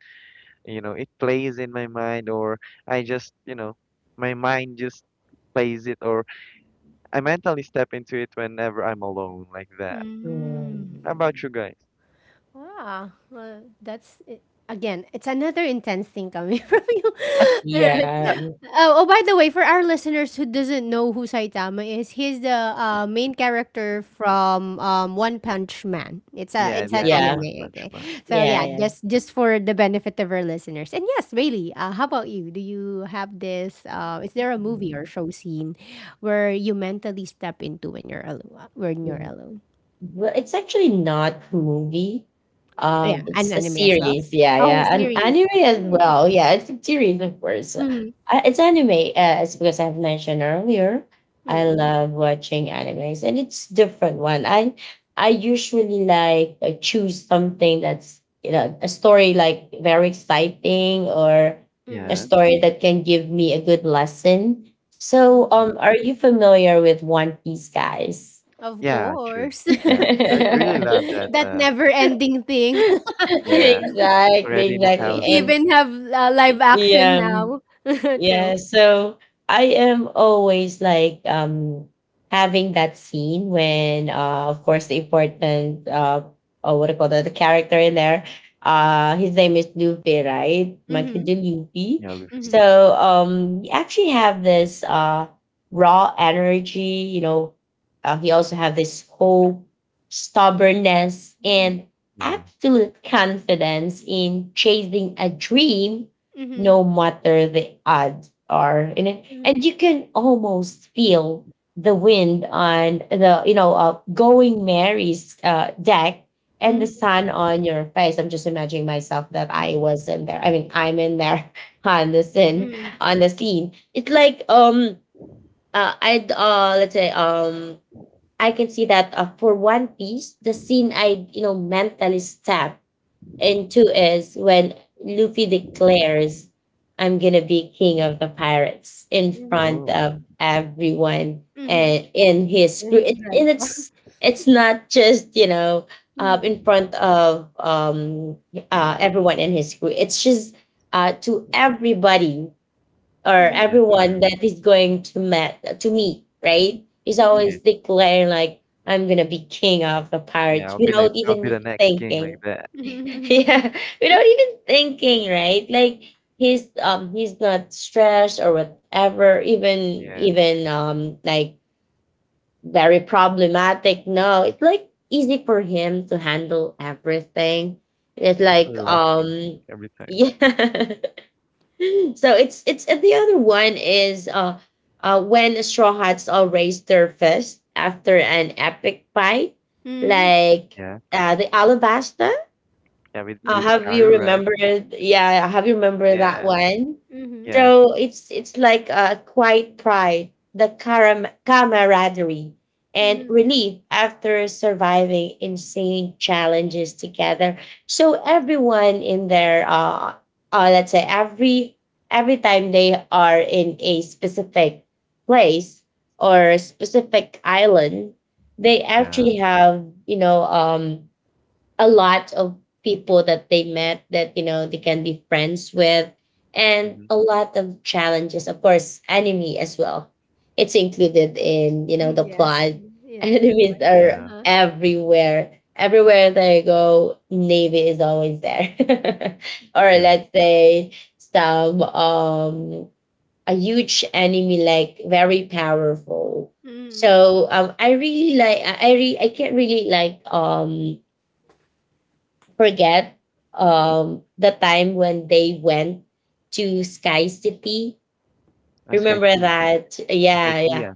Speaker 2: you know, it plays in my mind, or I just, you know, my mind just plays it, or I mentally step into it whenever I'm alone like that.
Speaker 1: Mm.
Speaker 2: How about
Speaker 3: Mm.
Speaker 2: you guys?
Speaker 1: Wow. Well, that's it. Again, it's another intense thing coming from you. All right.
Speaker 3: Yeah,
Speaker 2: Yeah,
Speaker 1: Oh, oh, by the way, for our listeners who doesn't know who Saitama is, he's the main character from One Punch Man. It's a,
Speaker 2: yeah,
Speaker 1: it's
Speaker 2: the
Speaker 1: an
Speaker 2: anime
Speaker 3: yeah,
Speaker 2: One
Speaker 1: anime,
Speaker 2: Punch
Speaker 1: okay?
Speaker 2: Man.
Speaker 1: So
Speaker 3: yeah,
Speaker 1: yeah,
Speaker 3: yeah.
Speaker 1: just for the benefit of our listeners. And yes, Bailey, how about you? Do you have this? Is there a movie or
Speaker 3: Mm,
Speaker 1: show scene where you mentally step into when you're alone? When you're
Speaker 3: mm.
Speaker 1: alone?
Speaker 3: Well, it's actually not a movie.
Speaker 1: Yeah, an
Speaker 3: It's a
Speaker 1: anime as well?
Speaker 3: series. Yeah,
Speaker 1: Oh,
Speaker 3: yeah, an
Speaker 1: series.
Speaker 3: anime as
Speaker 1: Mm.
Speaker 3: well. Yeah, it's a series, of course.
Speaker 1: Mhm.
Speaker 3: It's anime, as because I've mentioned earlier. I
Speaker 1: Mm,
Speaker 3: love watching animes, and it's different one. I usually choose something that's, you know, a story like very exciting, or a
Speaker 2: Yeah.
Speaker 1: mm,
Speaker 3: story that can give me a good lesson. So,
Speaker 1: mm.
Speaker 3: are you familiar with One Piece, guys?
Speaker 1: Of
Speaker 2: Yeah, true.
Speaker 1: course.
Speaker 2: Yeah, I really love
Speaker 3: Exactly,
Speaker 2: that.
Speaker 1: That never-ending thing.
Speaker 2: Yeah, it's already in the
Speaker 3: exactly.
Speaker 1: It
Speaker 3: And
Speaker 2: thousands.
Speaker 1: even have live action
Speaker 3: yeah,
Speaker 1: now.
Speaker 3: yeah,
Speaker 1: True.
Speaker 3: so I am always like, having that scene when, of course, the important or what do you call that, the character in there. His name is Luffy, right? Michael
Speaker 1: Mm-hmm.
Speaker 3: D. Luffy.
Speaker 2: Yeah, Luffy.
Speaker 1: Mm-hmm.
Speaker 3: So he actually have this raw energy, you know, he also have this hope, stubbornness, and
Speaker 2: Yeah.
Speaker 3: absolute confidence in chasing a dream
Speaker 1: Mm-hmm.
Speaker 3: no matter the odds are in it,
Speaker 1: Mm-hmm.
Speaker 3: and you can almost feel the wind on the, going Mary's deck, and the sun on your face. I'm just imagining myself that I was in there. I
Speaker 2: Mm.
Speaker 3: mean, I'm in there on the scene.
Speaker 1: Mm-hmm.
Speaker 3: On the scene it's like I'd let's say, I can see that, for One Piece, the scene I, you know, mentally step. And two is when Luffy declares, "I'm going to be king of the pirates," in
Speaker 1: Mm-hmm.
Speaker 3: front
Speaker 2: Oh,
Speaker 3: of everyone,
Speaker 1: Mm-hmm.
Speaker 3: and in his
Speaker 1: And his
Speaker 3: and
Speaker 1: grandpa.
Speaker 3: it's not just, you know, in front of everyone in his crew. It's just to everybody or
Speaker 1: Mm-hmm.
Speaker 2: yeah,
Speaker 3: everyone
Speaker 2: true.
Speaker 3: that is going to met to meet, right? Is
Speaker 1: Mm-hmm.
Speaker 2: Yeah,
Speaker 3: always declaring like, "I'm gonna be king of the
Speaker 2: yeah.
Speaker 3: pirates," without
Speaker 2: I'll be the
Speaker 3: even
Speaker 2: next king like
Speaker 3: thinking.
Speaker 2: that.
Speaker 1: Mm-hmm. Mm-hmm.
Speaker 3: Yeah, without even thinking, right? Like, he's not stressed or whatever, even
Speaker 2: Yeah,
Speaker 3: even um like very problematic. No, it's like easy for him to handle everything.
Speaker 2: it's
Speaker 3: It's
Speaker 2: actually
Speaker 3: like
Speaker 2: laughing
Speaker 3: um
Speaker 2: every time.
Speaker 3: yeah, so it's and the other one is, when Straw Hats all raise their fist after an epic fight,
Speaker 1: Mm-hmm.
Speaker 3: like,
Speaker 2: Yeah,
Speaker 3: the Alabasta,
Speaker 2: yeah. With with
Speaker 1: Mm-hmm.
Speaker 3: have you
Speaker 2: Karu, right?
Speaker 3: remembered? Yeah, have you remembered that
Speaker 2: Yeah,
Speaker 3: one?
Speaker 1: Mm-hmm.
Speaker 2: yeah,
Speaker 3: So it's like a quiet pride, the camaraderie, and relief after surviving insane challenges together. So everyone in there, let's say, every time they are in a specific place or a specific island, they
Speaker 2: yeah.
Speaker 3: actually have, you know, a lot of people that they met, that, you know, they can be friends with, and
Speaker 2: Mm-hmm.
Speaker 3: a lot of challenges, of course, enemy as well. It's included in, you know,
Speaker 1: Mm-hmm.
Speaker 3: the
Speaker 1: Yes,
Speaker 3: plot.
Speaker 1: yes, of
Speaker 3: Enemies
Speaker 1: course.
Speaker 3: are
Speaker 2: Yeah,
Speaker 1: Uh-huh.
Speaker 3: everywhere, everywhere they go. Navy is always there. Or
Speaker 2: true.
Speaker 3: let's say some, a huge enemy, like very powerful.
Speaker 1: Mm-hmm.
Speaker 3: So, I really like I re- I can't really forget,
Speaker 1: Mm-hmm.
Speaker 3: the time when they went to Sky City. Remember
Speaker 2: Skype,
Speaker 3: that? Yeah, yeah.
Speaker 2: Skypea.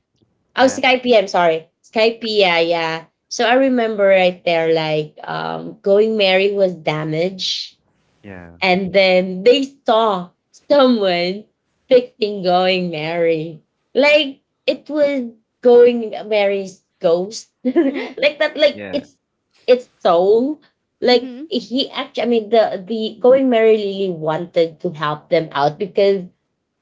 Speaker 3: Oh,
Speaker 2: Yeah,
Speaker 3: Sky P. I'm sorry. Sky P, yeah, yeah. So I remember right there, like, Going Mary was damaged,
Speaker 2: yeah,
Speaker 3: and then they saw someone picking Going Mary. Like, it was Going Mary's ghost. Like that, like,
Speaker 2: yeah,
Speaker 3: it's its soul. Like,
Speaker 1: Mm-hmm.
Speaker 3: he actually, I mean, the Going Mary really wanted to help them out because,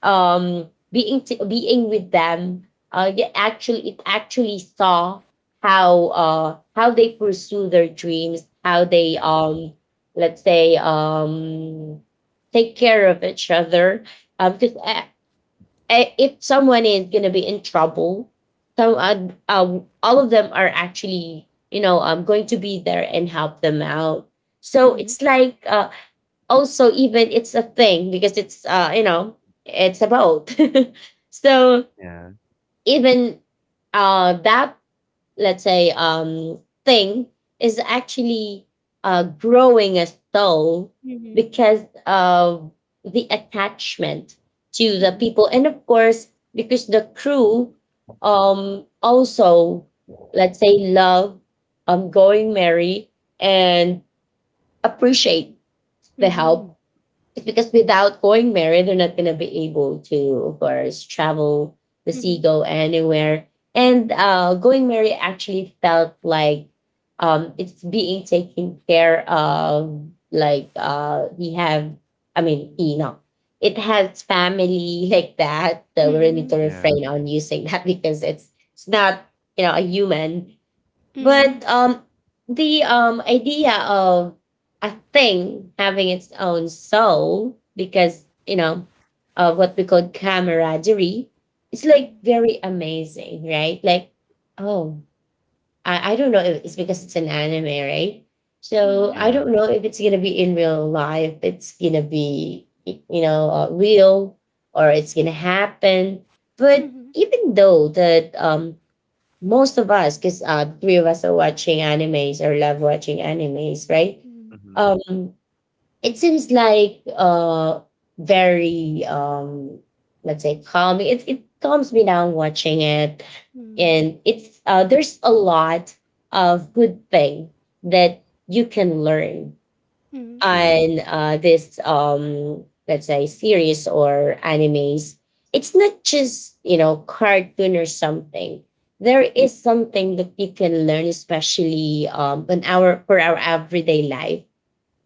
Speaker 3: being being with them, yeah, actually it actually saw how, how they pursue their dreams, how they,
Speaker 2: yeah,
Speaker 3: let's say, take care of each other, because, if someone is going to be in trouble, so, all of them are actually, you know, going to be there and help them out. So
Speaker 1: Mhm,
Speaker 3: it's like, also even it's a thing, because it's, you know, it's a boat. So
Speaker 2: yeah,
Speaker 3: even that let's say, thing is actually growing a soul
Speaker 1: mhm,
Speaker 3: because of the attachment to the
Speaker 1: mhm,
Speaker 3: people, and of course because the crew, also, let's say, love Going Merry, and appreciate the
Speaker 1: mhm,
Speaker 3: help. It's because without Going married, they're not gonna be able to, of course, travel the sea,
Speaker 1: mhm,
Speaker 3: go anywhere. And, Going married actually felt like, it's being taken care of. Like, we have, I mean, you know, it has family like that. So we really need
Speaker 1: mhm,
Speaker 3: to
Speaker 2: yeah, yeah,
Speaker 3: refrain on using that because it's not, you know, a human,
Speaker 1: mhm,
Speaker 3: but the, idea of a thing having its own soul, because, you know, what we call camaraderie, it's like very amazing, right? Like, oh, I don't know if it's because it's an anime, right?
Speaker 1: mhm,
Speaker 3: So
Speaker 1: mhm,
Speaker 3: I
Speaker 2: yeah.
Speaker 3: don't know if it's going to be in real life, it's going to be, you know, real or it's going to happen. But
Speaker 1: mhm,
Speaker 3: even though that, most of us, because, the three of us are watching animes or love watching animes, right?
Speaker 2: Mm-hmm.
Speaker 3: Um, it seems like, very, let's say, calming. It calms me down watching it.
Speaker 1: mhm, mhm, mhm,
Speaker 3: And it's, there's a lot of good thing that you can learn
Speaker 1: mhm, mhm, mhm,
Speaker 2: True.
Speaker 3: on, uh, this, let's say, series or animes. It's not just, you know, cartoon or something. There is something that you can learn, especially, on our, for our everyday life.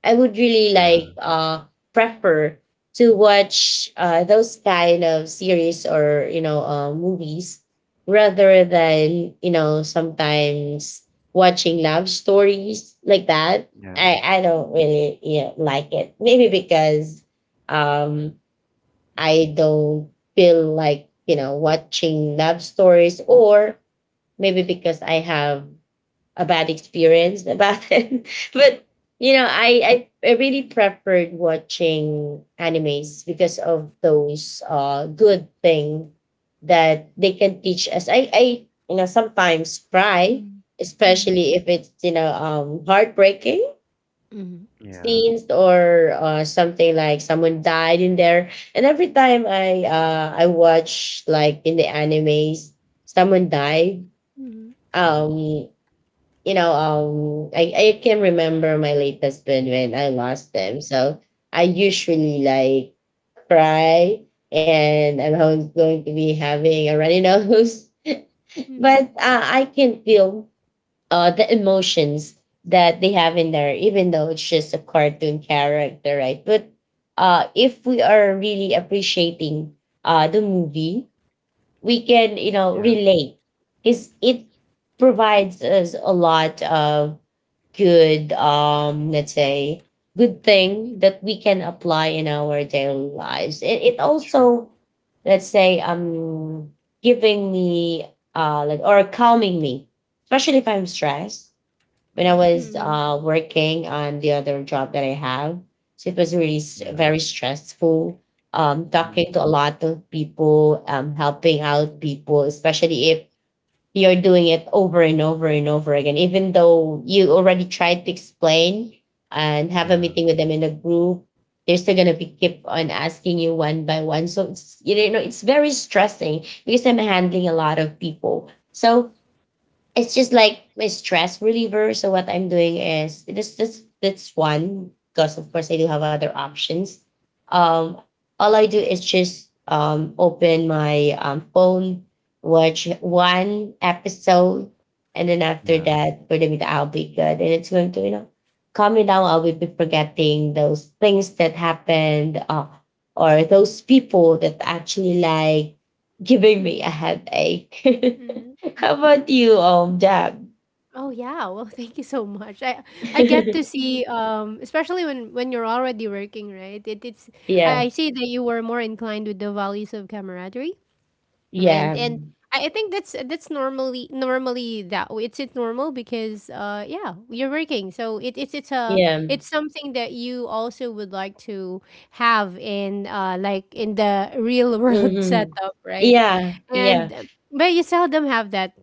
Speaker 3: I would really
Speaker 2: Yeah,
Speaker 3: like, prefer to watch, those kind of series or, you know, movies, rather than, you know, sometimes watching love stories like that.
Speaker 2: yeah,
Speaker 3: I don't really, yeah, like it. Maybe because, um I don't feel like, you know, watching love stories, or maybe because I have a bad experience about it. But, you know, I really preferred watching animes because of those good thing that they can teach us. I you know, sometimes cry, especially if it's, you know, heartbreaking
Speaker 1: mhm,
Speaker 2: yeah.
Speaker 3: scenes, or, something like someone died in there. And every time I watch, like, in the animes, someone die,
Speaker 2: Mm-hmm.
Speaker 3: um you know, I can remember my late husband when I lost them. So I usually like cry, and I'm going to be having a runny nose. But,
Speaker 1: mhm,
Speaker 3: I can feel, the emotions that they have in there, even though it's just a cartoon character, right? But, if we are really appreciating, the movie, we can, you know,
Speaker 2: Yeah.
Speaker 3: relate, because it provides us a lot of good, let's say good thing that we can apply in our daily lives. It
Speaker 2: True.
Speaker 3: also, let's say, giving me, like, or calming me, especially if I'm stressed when I
Speaker 2: Mhm.
Speaker 1: mhm,
Speaker 3: was,
Speaker 1: mhm,
Speaker 3: working on the other job that I have. So it was really
Speaker 2: Yeah.
Speaker 3: very stressful.
Speaker 2: Mhm.
Speaker 3: Talking to a lot of people, helping out people, especially if you're doing it over and over and over again, even though you already tried to explain and have a
Speaker 2: Yeah,
Speaker 3: meeting with them in a group, they're still gonna be keep on asking you one by one. So it's, you know, it's very stressing because I'm handling a lot of people. So it's just like my stress reliever. So what I'm doing is this, that's one, because of course I do have other options. Um, all I do is just, open my phone, watch one episode, and then after
Speaker 2: yeah.
Speaker 3: that, for me, I'll be good, and it's going to, you know, calm me down. I'll be forgetting those things that happened, or those people that actually like giving me a headache.
Speaker 1: mhm.
Speaker 3: How about you, Jab?
Speaker 1: Oh yeah, well, thank you so much. I get to see especially when you're already working, right? It's
Speaker 3: Yeah,
Speaker 1: I see that you were more inclined with the values of camaraderie,
Speaker 3: yeah,
Speaker 1: and I think that's normally that way. It's normal because yeah, you're working, so it's a
Speaker 3: yeah.
Speaker 1: it's something that you also would like to have in like in the real world
Speaker 3: Hmm.
Speaker 1: setup, right?
Speaker 3: Yeah, yeah.
Speaker 1: and But you seldom have that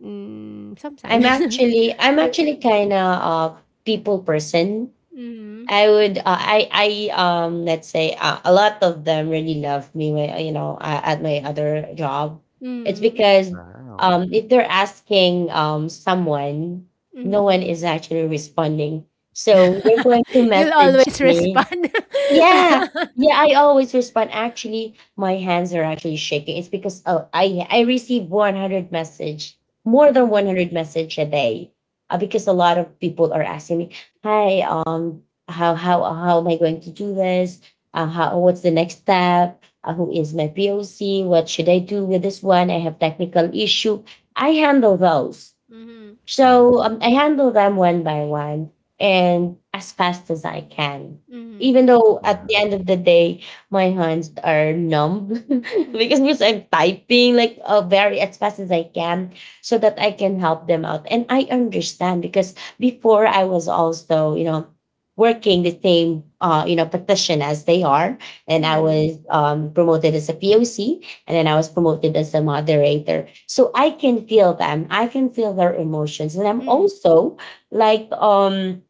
Speaker 1: sometimes.
Speaker 3: I'm actually kind of a people person.
Speaker 1: Mm-hmm.
Speaker 3: I would, let's say, a lot of them really love me. When, you know, at my other job, it's
Speaker 1: Mm-hmm.
Speaker 3: because,
Speaker 2: Wow.
Speaker 3: if they're asking, someone, no one
Speaker 1: Mm-hmm.
Speaker 3: is actually responding. So they're going to
Speaker 1: You'll
Speaker 3: message
Speaker 1: always
Speaker 3: me.
Speaker 1: respond.
Speaker 3: Yeah. Yeah, I always respond. Actually, my hands are actually shaking. It's because, oh, I receive 100 message, more than
Speaker 1: Mm-hmm.
Speaker 3: 100 message a day, because a lot of people are asking me, "Hi, how how am I going to do this? How, what's the next step? Who is my POC? What should I do with this one? I have technical issue." I handle those.
Speaker 1: Mm-hmm.
Speaker 3: So,
Speaker 2: Wow.
Speaker 3: I handle them one by one, and as fast as I can. Even
Speaker 1: Mm-hmm.
Speaker 3: though at the
Speaker 2: Yeah.
Speaker 3: end of the day, my hands are numb because I'm typing like, very as fast as I can, so that I can help them out. And I understand, because before I was also, you know, working the same, you know, petition as they are. And I
Speaker 1: Mm-hmm.
Speaker 3: was, promoted as a POC, and then I was promoted as a moderator. So I can feel them. I can feel their emotions. And I'm also like,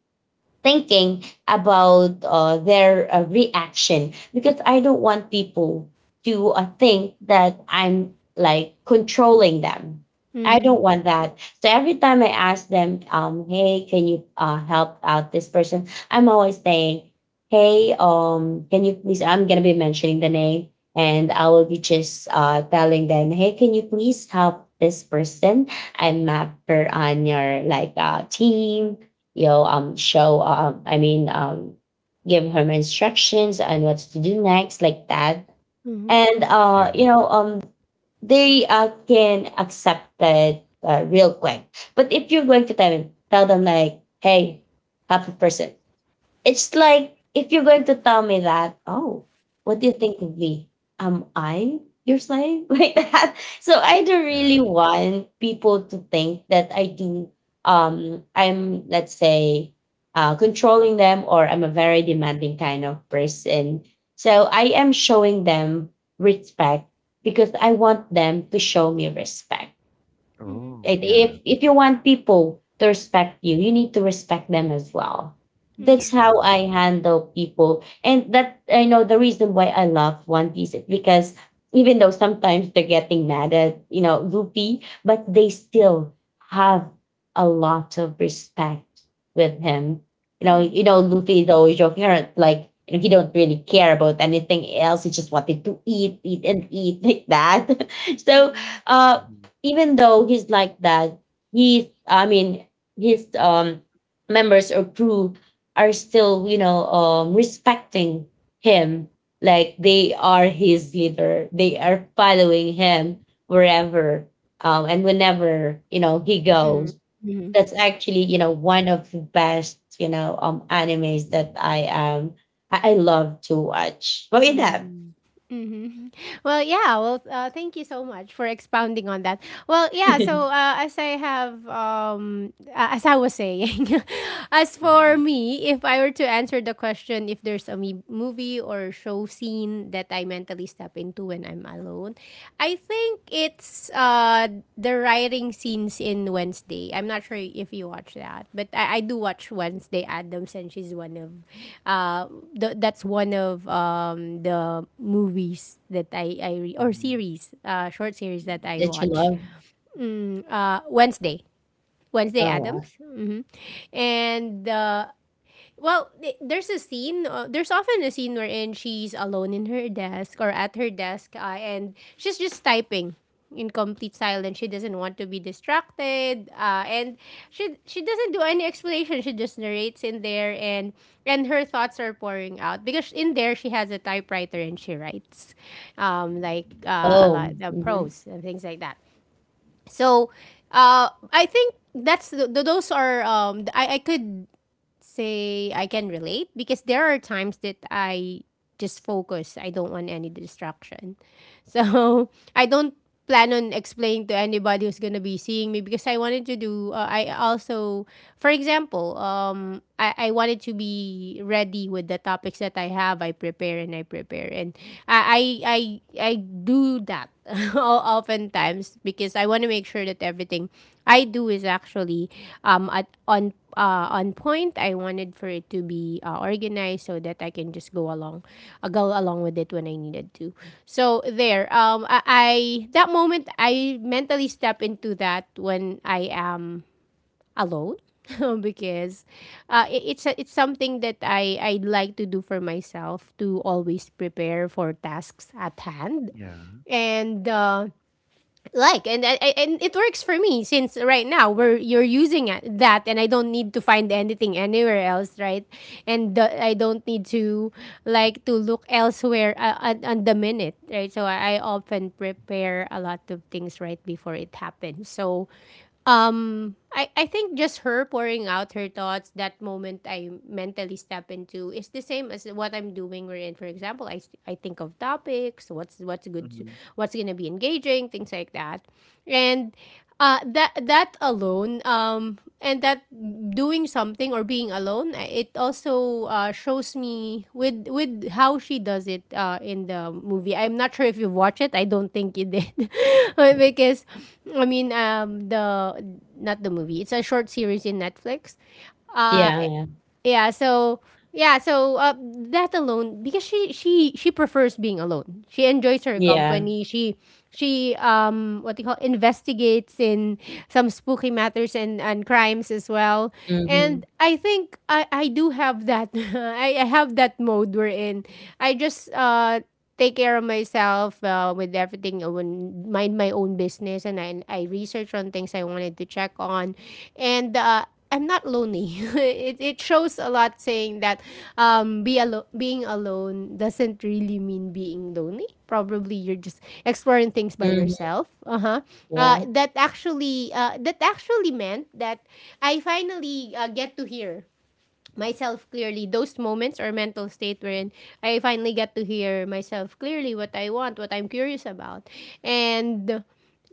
Speaker 3: thinking about, their reaction, because I don't want people to, think that I'm like controlling them. I
Speaker 1: Mm-hmm.
Speaker 3: don't want
Speaker 2: Mhm.
Speaker 3: that. So every time I ask them, hey, can you, help out this person? I'm always saying, hey, can you please? I'm gonna be mentioning the name, and I will be just, telling them, hey, can you please help this person? I'm not on your like, team, you know, I mean, give him instructions on what to do next, like that.
Speaker 1: Mhm,
Speaker 3: And,
Speaker 2: Yeah.
Speaker 3: you know, they can accept it real quick. But if you're going to tell them, like, hey, happy person, it's like if you're going to tell me that, oh, what do you
Speaker 1: mhm,
Speaker 3: think of me? Am I your slave? Like that. So I don't really
Speaker 2: Yeah.
Speaker 3: want people to think that I do, I'm let's say, controlling them, or I'm a very demanding kind of person. So I am showing them respect, because I want them to show me respect.
Speaker 1: mhm,
Speaker 2: Oh,
Speaker 3: Right?
Speaker 2: yeah.
Speaker 3: If you want people to respect you, you need to respect them as well. That's
Speaker 1: mhm,
Speaker 3: how
Speaker 2: True.
Speaker 3: I handle people, and that I know the reason why I love One Piece is because even though sometimes they're getting mad at, you know, Luffy, but they still have a lot of respect with him.
Speaker 1: mhm,
Speaker 3: You know
Speaker 1: mhm,
Speaker 3: Luffy is always joking around, like, and he don't really care about anything else. He just wanted to eat, eat, and eat like that. So
Speaker 1: mhm,
Speaker 3: uh
Speaker 2: Mhm.
Speaker 3: even though he's like that, he, I mean, his members or crew are still, you know, respecting him. Like, they are his leader. They are following him wherever, and whenever, you know, he goes.
Speaker 1: mhm,
Speaker 3: That's actually, you know, one of the best, you know, animes that I am. I love to watch. What is that?
Speaker 1: mhm, mhm. Well, yeah. Well, thank you so much for expounding on that. Well, yeah. So, as I have, as I was saying, as for
Speaker 2: Mhm.
Speaker 1: me, if I were to answer the question, if there's a movie or show scene that I mentally step into when I'm alone, I think it's the writing scenes in Wednesday. I'm not sure if you watch that, but I do watch Wednesday Addams, and she's one of, uh, that's one of the movies that I or
Speaker 2: Mhm.
Speaker 1: series, short series that I
Speaker 3: That you
Speaker 1: watch.
Speaker 3: love?
Speaker 1: Wednesday, Wednesday
Speaker 3: Oh, wow.
Speaker 1: Addams, mm-hmm. and Well, there's a scene. There's often a scene wherein she's alone in her desk or at her desk, and she's just typing in complete silence. She doesn't want to be distracted, and she doesn't do any explanation. She just narrates in there, and her thoughts are pouring out because in there she has a typewriter and she writes, like a
Speaker 3: Oh,
Speaker 1: lot the
Speaker 3: mhm.
Speaker 1: prose and things like that. So, I think that's the, those are I could say I can relate because there are times that I just focus. I don't want any distraction. So I don't plan on explaining to anybody who's gonna be seeing me because I wanted to do. I also, for example, I wanted to be ready with the topics that I have. I prepare and I prepare and I I I, I do that oftentimes because I want to make sure that everything I do is actually at on point. I wanted for it to be organized so that I can just go along with it when I needed to. So there, I that moment I mentally step into that when I am alone because it's a, it's something that I like to do for myself to always prepare for tasks at hand
Speaker 2: Yeah.
Speaker 1: and like and and it works for me since right now we're you're using that, and I don't need to find anything anywhere else, right? and I don't need to like to look elsewhere on the minute, right? So I often prepare a lot of things right before it happens so I think just her pouring out her thoughts, that moment I mentally step into is the same as what I'm doing wherein, for example, I think of topics, what's good to,
Speaker 2: Mhm.
Speaker 1: what's gonna be engaging, things like that. And that that alone, and that doing something or being alone it also shows me with how she does it in the movie. I'm not sure if you watch it, I don't think you did. But because I mean the not the movie, it's a short series in Netflix. uh
Speaker 3: Yeah, yeah.
Speaker 1: yeah, so yeah, so that alone because she she prefers being alone, she enjoys her
Speaker 3: Yeah.
Speaker 1: company, she what do you call investigates in some spooky matters and crimes as well, and
Speaker 3: Mhm.
Speaker 1: I think I do have that. I have that mode we're in. I just take care of myself with everything. I would mind my own business, and I research on things I wanted to check on, and. I'm not lonely. It shows a lot saying that being alone doesn't really mean being lonely. Probably you're just exploring things by
Speaker 3: Mhm.
Speaker 1: yourself. Uh-huh.
Speaker 3: Yeah.
Speaker 1: That actually meant that I finally get to hear myself clearly. Those moments or mental state wherein I finally get to hear myself clearly what I want, what I'm curious about. And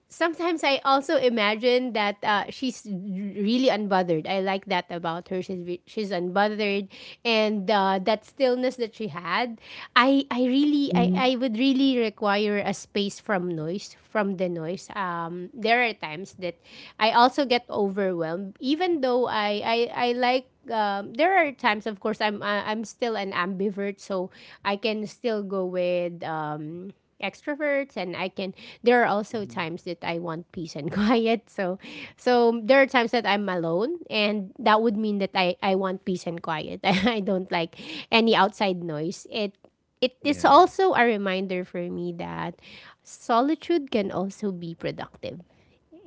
Speaker 1: sometimes I also imagine that she's really unbothered. I like that about her. She's unbothered, and that stillness that she had. I really
Speaker 3: Mhm.
Speaker 1: I would really require a space from noise, from the noise. There are times that I also get overwhelmed, even though I like. There are times, of course, I'm still an ambivert, so I can still go with extroverts, and I can there are also
Speaker 2: Mhm.
Speaker 1: times that I want peace and quiet so so there are times that I'm alone, and that would mean that I want peace and quiet. I don't like any outside noise, it is
Speaker 2: Yeah.
Speaker 1: also a reminder for me that solitude can also be productive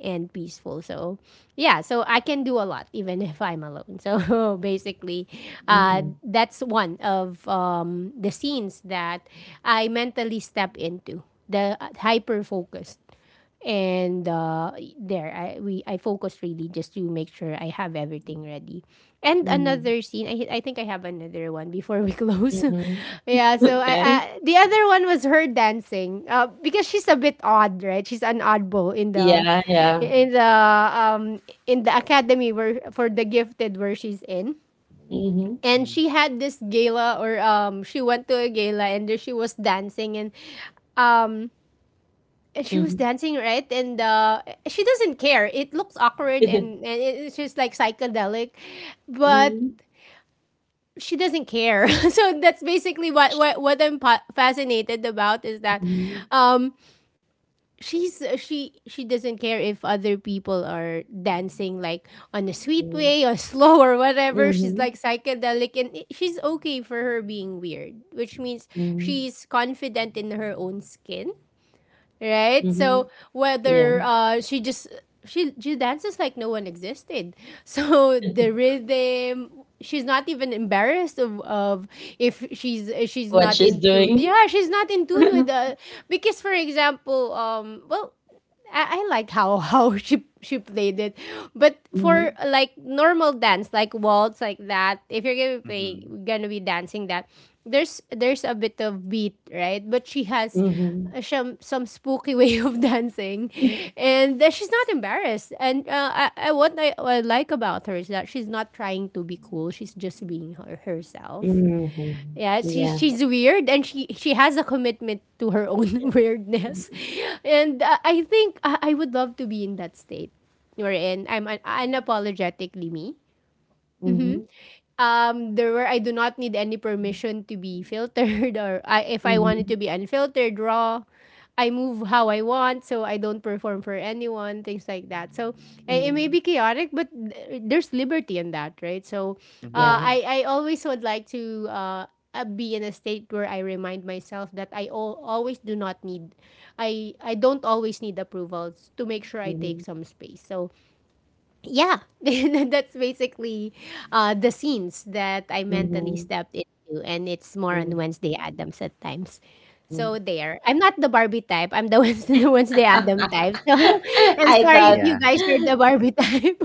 Speaker 1: and peaceful. So yeah, so I can do a lot even if I'm alone. So basically,
Speaker 3: Mhm.
Speaker 1: that's one of the scenes that I mentally step into, the hyper focused and there I we I focus really just to make sure I have everything ready. And
Speaker 3: Mhm.
Speaker 1: another scene, I think I have another one before we close.
Speaker 3: Mhm.
Speaker 1: Yeah, so I
Speaker 3: Okay.
Speaker 1: the other one was her dancing. Because she's a bit odd, right? She's an oddball in the
Speaker 3: Yeah, yeah.
Speaker 1: in the in the academy where for the gifted where she's in,
Speaker 3: Mhm.
Speaker 1: and
Speaker 2: Mhm.
Speaker 1: she had this gala or she went to a gala, and there she was dancing um and she was
Speaker 3: Mhm.
Speaker 1: dancing, right? And she doesn't care, it looks awkward, and it's just like psychedelic, but
Speaker 3: Mhm.
Speaker 1: she doesn't care. So that's basically what I'm fascinated about is that
Speaker 3: Mhm.
Speaker 1: um she doesn't care if other people are dancing like on a sweet
Speaker 3: Mm.
Speaker 1: way or slow or whatever. She's
Speaker 3: Mhm.
Speaker 1: like psychedelic, and she's okay for her being weird, which means
Speaker 3: Mm.
Speaker 1: she's confident in her own skin, right? So
Speaker 3: Mhm. Yeah.
Speaker 1: whether she just she dances like no one existed. So the rhythm, she's not even embarrassed of if she's
Speaker 3: What
Speaker 1: not
Speaker 3: she's
Speaker 1: in tune.
Speaker 3: doing.
Speaker 1: Yeah, she's not in tune with the because for example, well. I like how how she played it, but for
Speaker 3: Mhm.
Speaker 1: like normal dance, like waltz, like that, if you're gonna play,
Speaker 2: Mhm.
Speaker 1: gonna be dancing that, there's a bit of beat, right? But she has
Speaker 3: Mhm.
Speaker 1: some spooky way of dancing, and that she's not embarrassed. And I what what I like about her is that she's not trying to be cool. She's just being her, herself,
Speaker 3: Mhm.
Speaker 1: yeah, she
Speaker 3: Yeah.
Speaker 1: she's weird, and she has a commitment to her own weirdness,
Speaker 3: Mhm.
Speaker 1: and I think I would love to be in that state, wherein I'm unapologetically me, there where I do not need any permission to be filtered or if I wanted
Speaker 3: Mhm.
Speaker 1: to be unfiltered, raw. I move how I want, so I don't perform for anyone, things like that. So it may
Speaker 3: Mm.
Speaker 1: be chaotic, but there's liberty in that, right? So
Speaker 2: Mhm.
Speaker 3: Yeah.
Speaker 1: I always would like to be in a state where I remind myself that always do not need, I don't always need approvals to make sure I
Speaker 3: Mhm.
Speaker 1: take some space. So yeah. That's basically the scenes that I mentally
Speaker 3: Mhm.
Speaker 1: stepped into, and it's more on
Speaker 3: Mm.
Speaker 1: Wednesday adams at times. So
Speaker 3: Mm.
Speaker 1: there, I'm not the Barbie type, I'm the Wednesday, the Wednesday adam type, so. I'm
Speaker 3: I
Speaker 1: sorry if
Speaker 3: thought
Speaker 1: you
Speaker 2: Yeah.
Speaker 1: guys are the Barbie type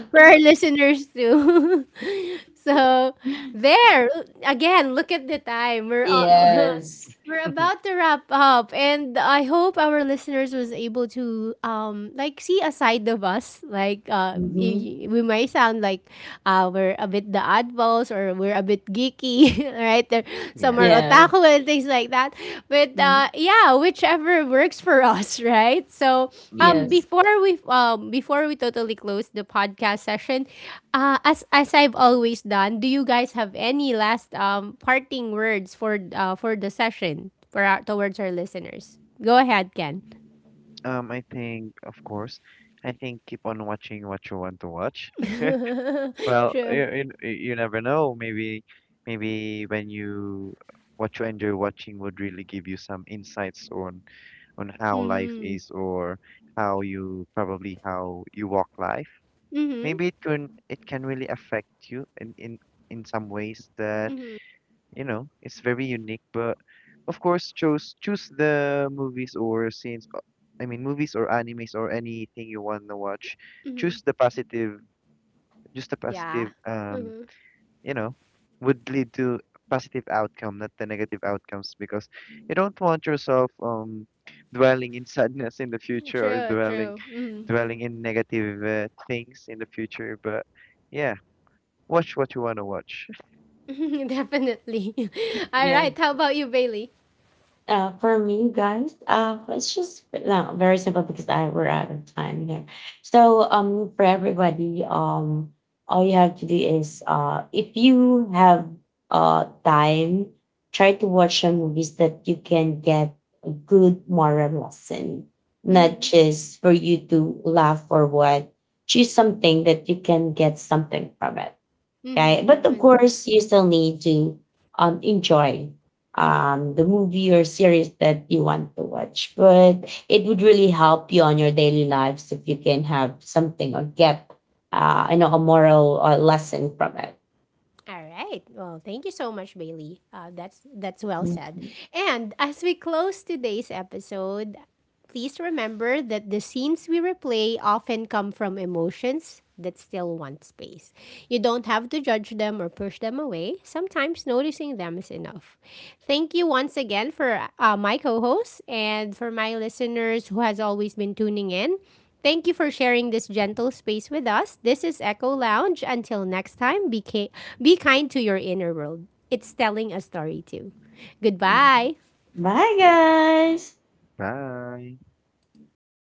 Speaker 1: for our listeners too. So there, again, look at the time, we're all
Speaker 3: yes.
Speaker 1: we're about to wrap up, and I hope our listeners was able to like see a side of us, like
Speaker 3: Mhm.
Speaker 1: we might sound like we're a bit the oddballs, or we're a bit geeky, right there, some are
Speaker 2: Yeah.
Speaker 3: Yeah.
Speaker 1: otaku and things like that, but
Speaker 3: Mhm.
Speaker 1: yeah, yeah, whichever works for us, right? So,
Speaker 2: Mm-hmm.
Speaker 3: Yes.
Speaker 1: before we totally close the podcast session, as I've always done, do you guys have any last parting words for the session for our, towards our listeners? Go ahead, Ken.
Speaker 2: I think, of course, I think keep on watching what you want to watch. Well,
Speaker 1: True.
Speaker 2: you never know. Maybe, maybe when you what you enjoy watching would really give you some insights on how life
Speaker 1: Mm-hmm.
Speaker 2: is, or how you probably how you walk life.
Speaker 1: Mm-hmm.
Speaker 2: Maybe it can, it can really affect you in some ways that, you know, it's very unique. But of course, choose the movies or scenes, I mean, movies or animes or anything you want to watch. Choose the positive, just the
Speaker 1: Yeah.
Speaker 2: positive, you know, would lead to positive outcome, not the negative outcomes, because you don't want yourself dwelling in sadness in the future, or
Speaker 1: True.
Speaker 2: dwelling
Speaker 1: True. Mm-hmm.
Speaker 2: dwelling in negative things in the future. But yeah, watch what you wanna watch.
Speaker 1: Definitely. All
Speaker 3: Yeah.
Speaker 1: right. How about you, Bailey?
Speaker 3: For me, guys, it's just no, very simple, because I, we're out of time here. So, for everybody, all you have to do is, if you have time, try to watch some movies that you can get a good moral lesson, not
Speaker 1: Mm-hmm.
Speaker 3: just for you to laugh or what. Choose something that you can get something from it, right?
Speaker 1: Mm-hmm.
Speaker 3: But of
Speaker 1: Definitely.
Speaker 3: course, you still need to, enjoy, the movie or series that you want to watch. But it would really help you on your daily lives if you can have something or get, you know, a moral or lesson from it.
Speaker 1: All right. Well, thank you so much, Bailey. That's well said.
Speaker 3: Mhm.
Speaker 1: And as we close today's episode, please remember that the scenes we replay often come from emotions that still want space. You don't have to judge them or push them away. Sometimes noticing them is enough. Thank you once again for my co-host and for my listeners who has always been tuning in. Thank you for sharing this gentle space with us. This is Echo Lounge. Until next time, be, be kind to your inner world. It's telling a story too. Goodbye.
Speaker 3: Bye, guys.
Speaker 2: Bye.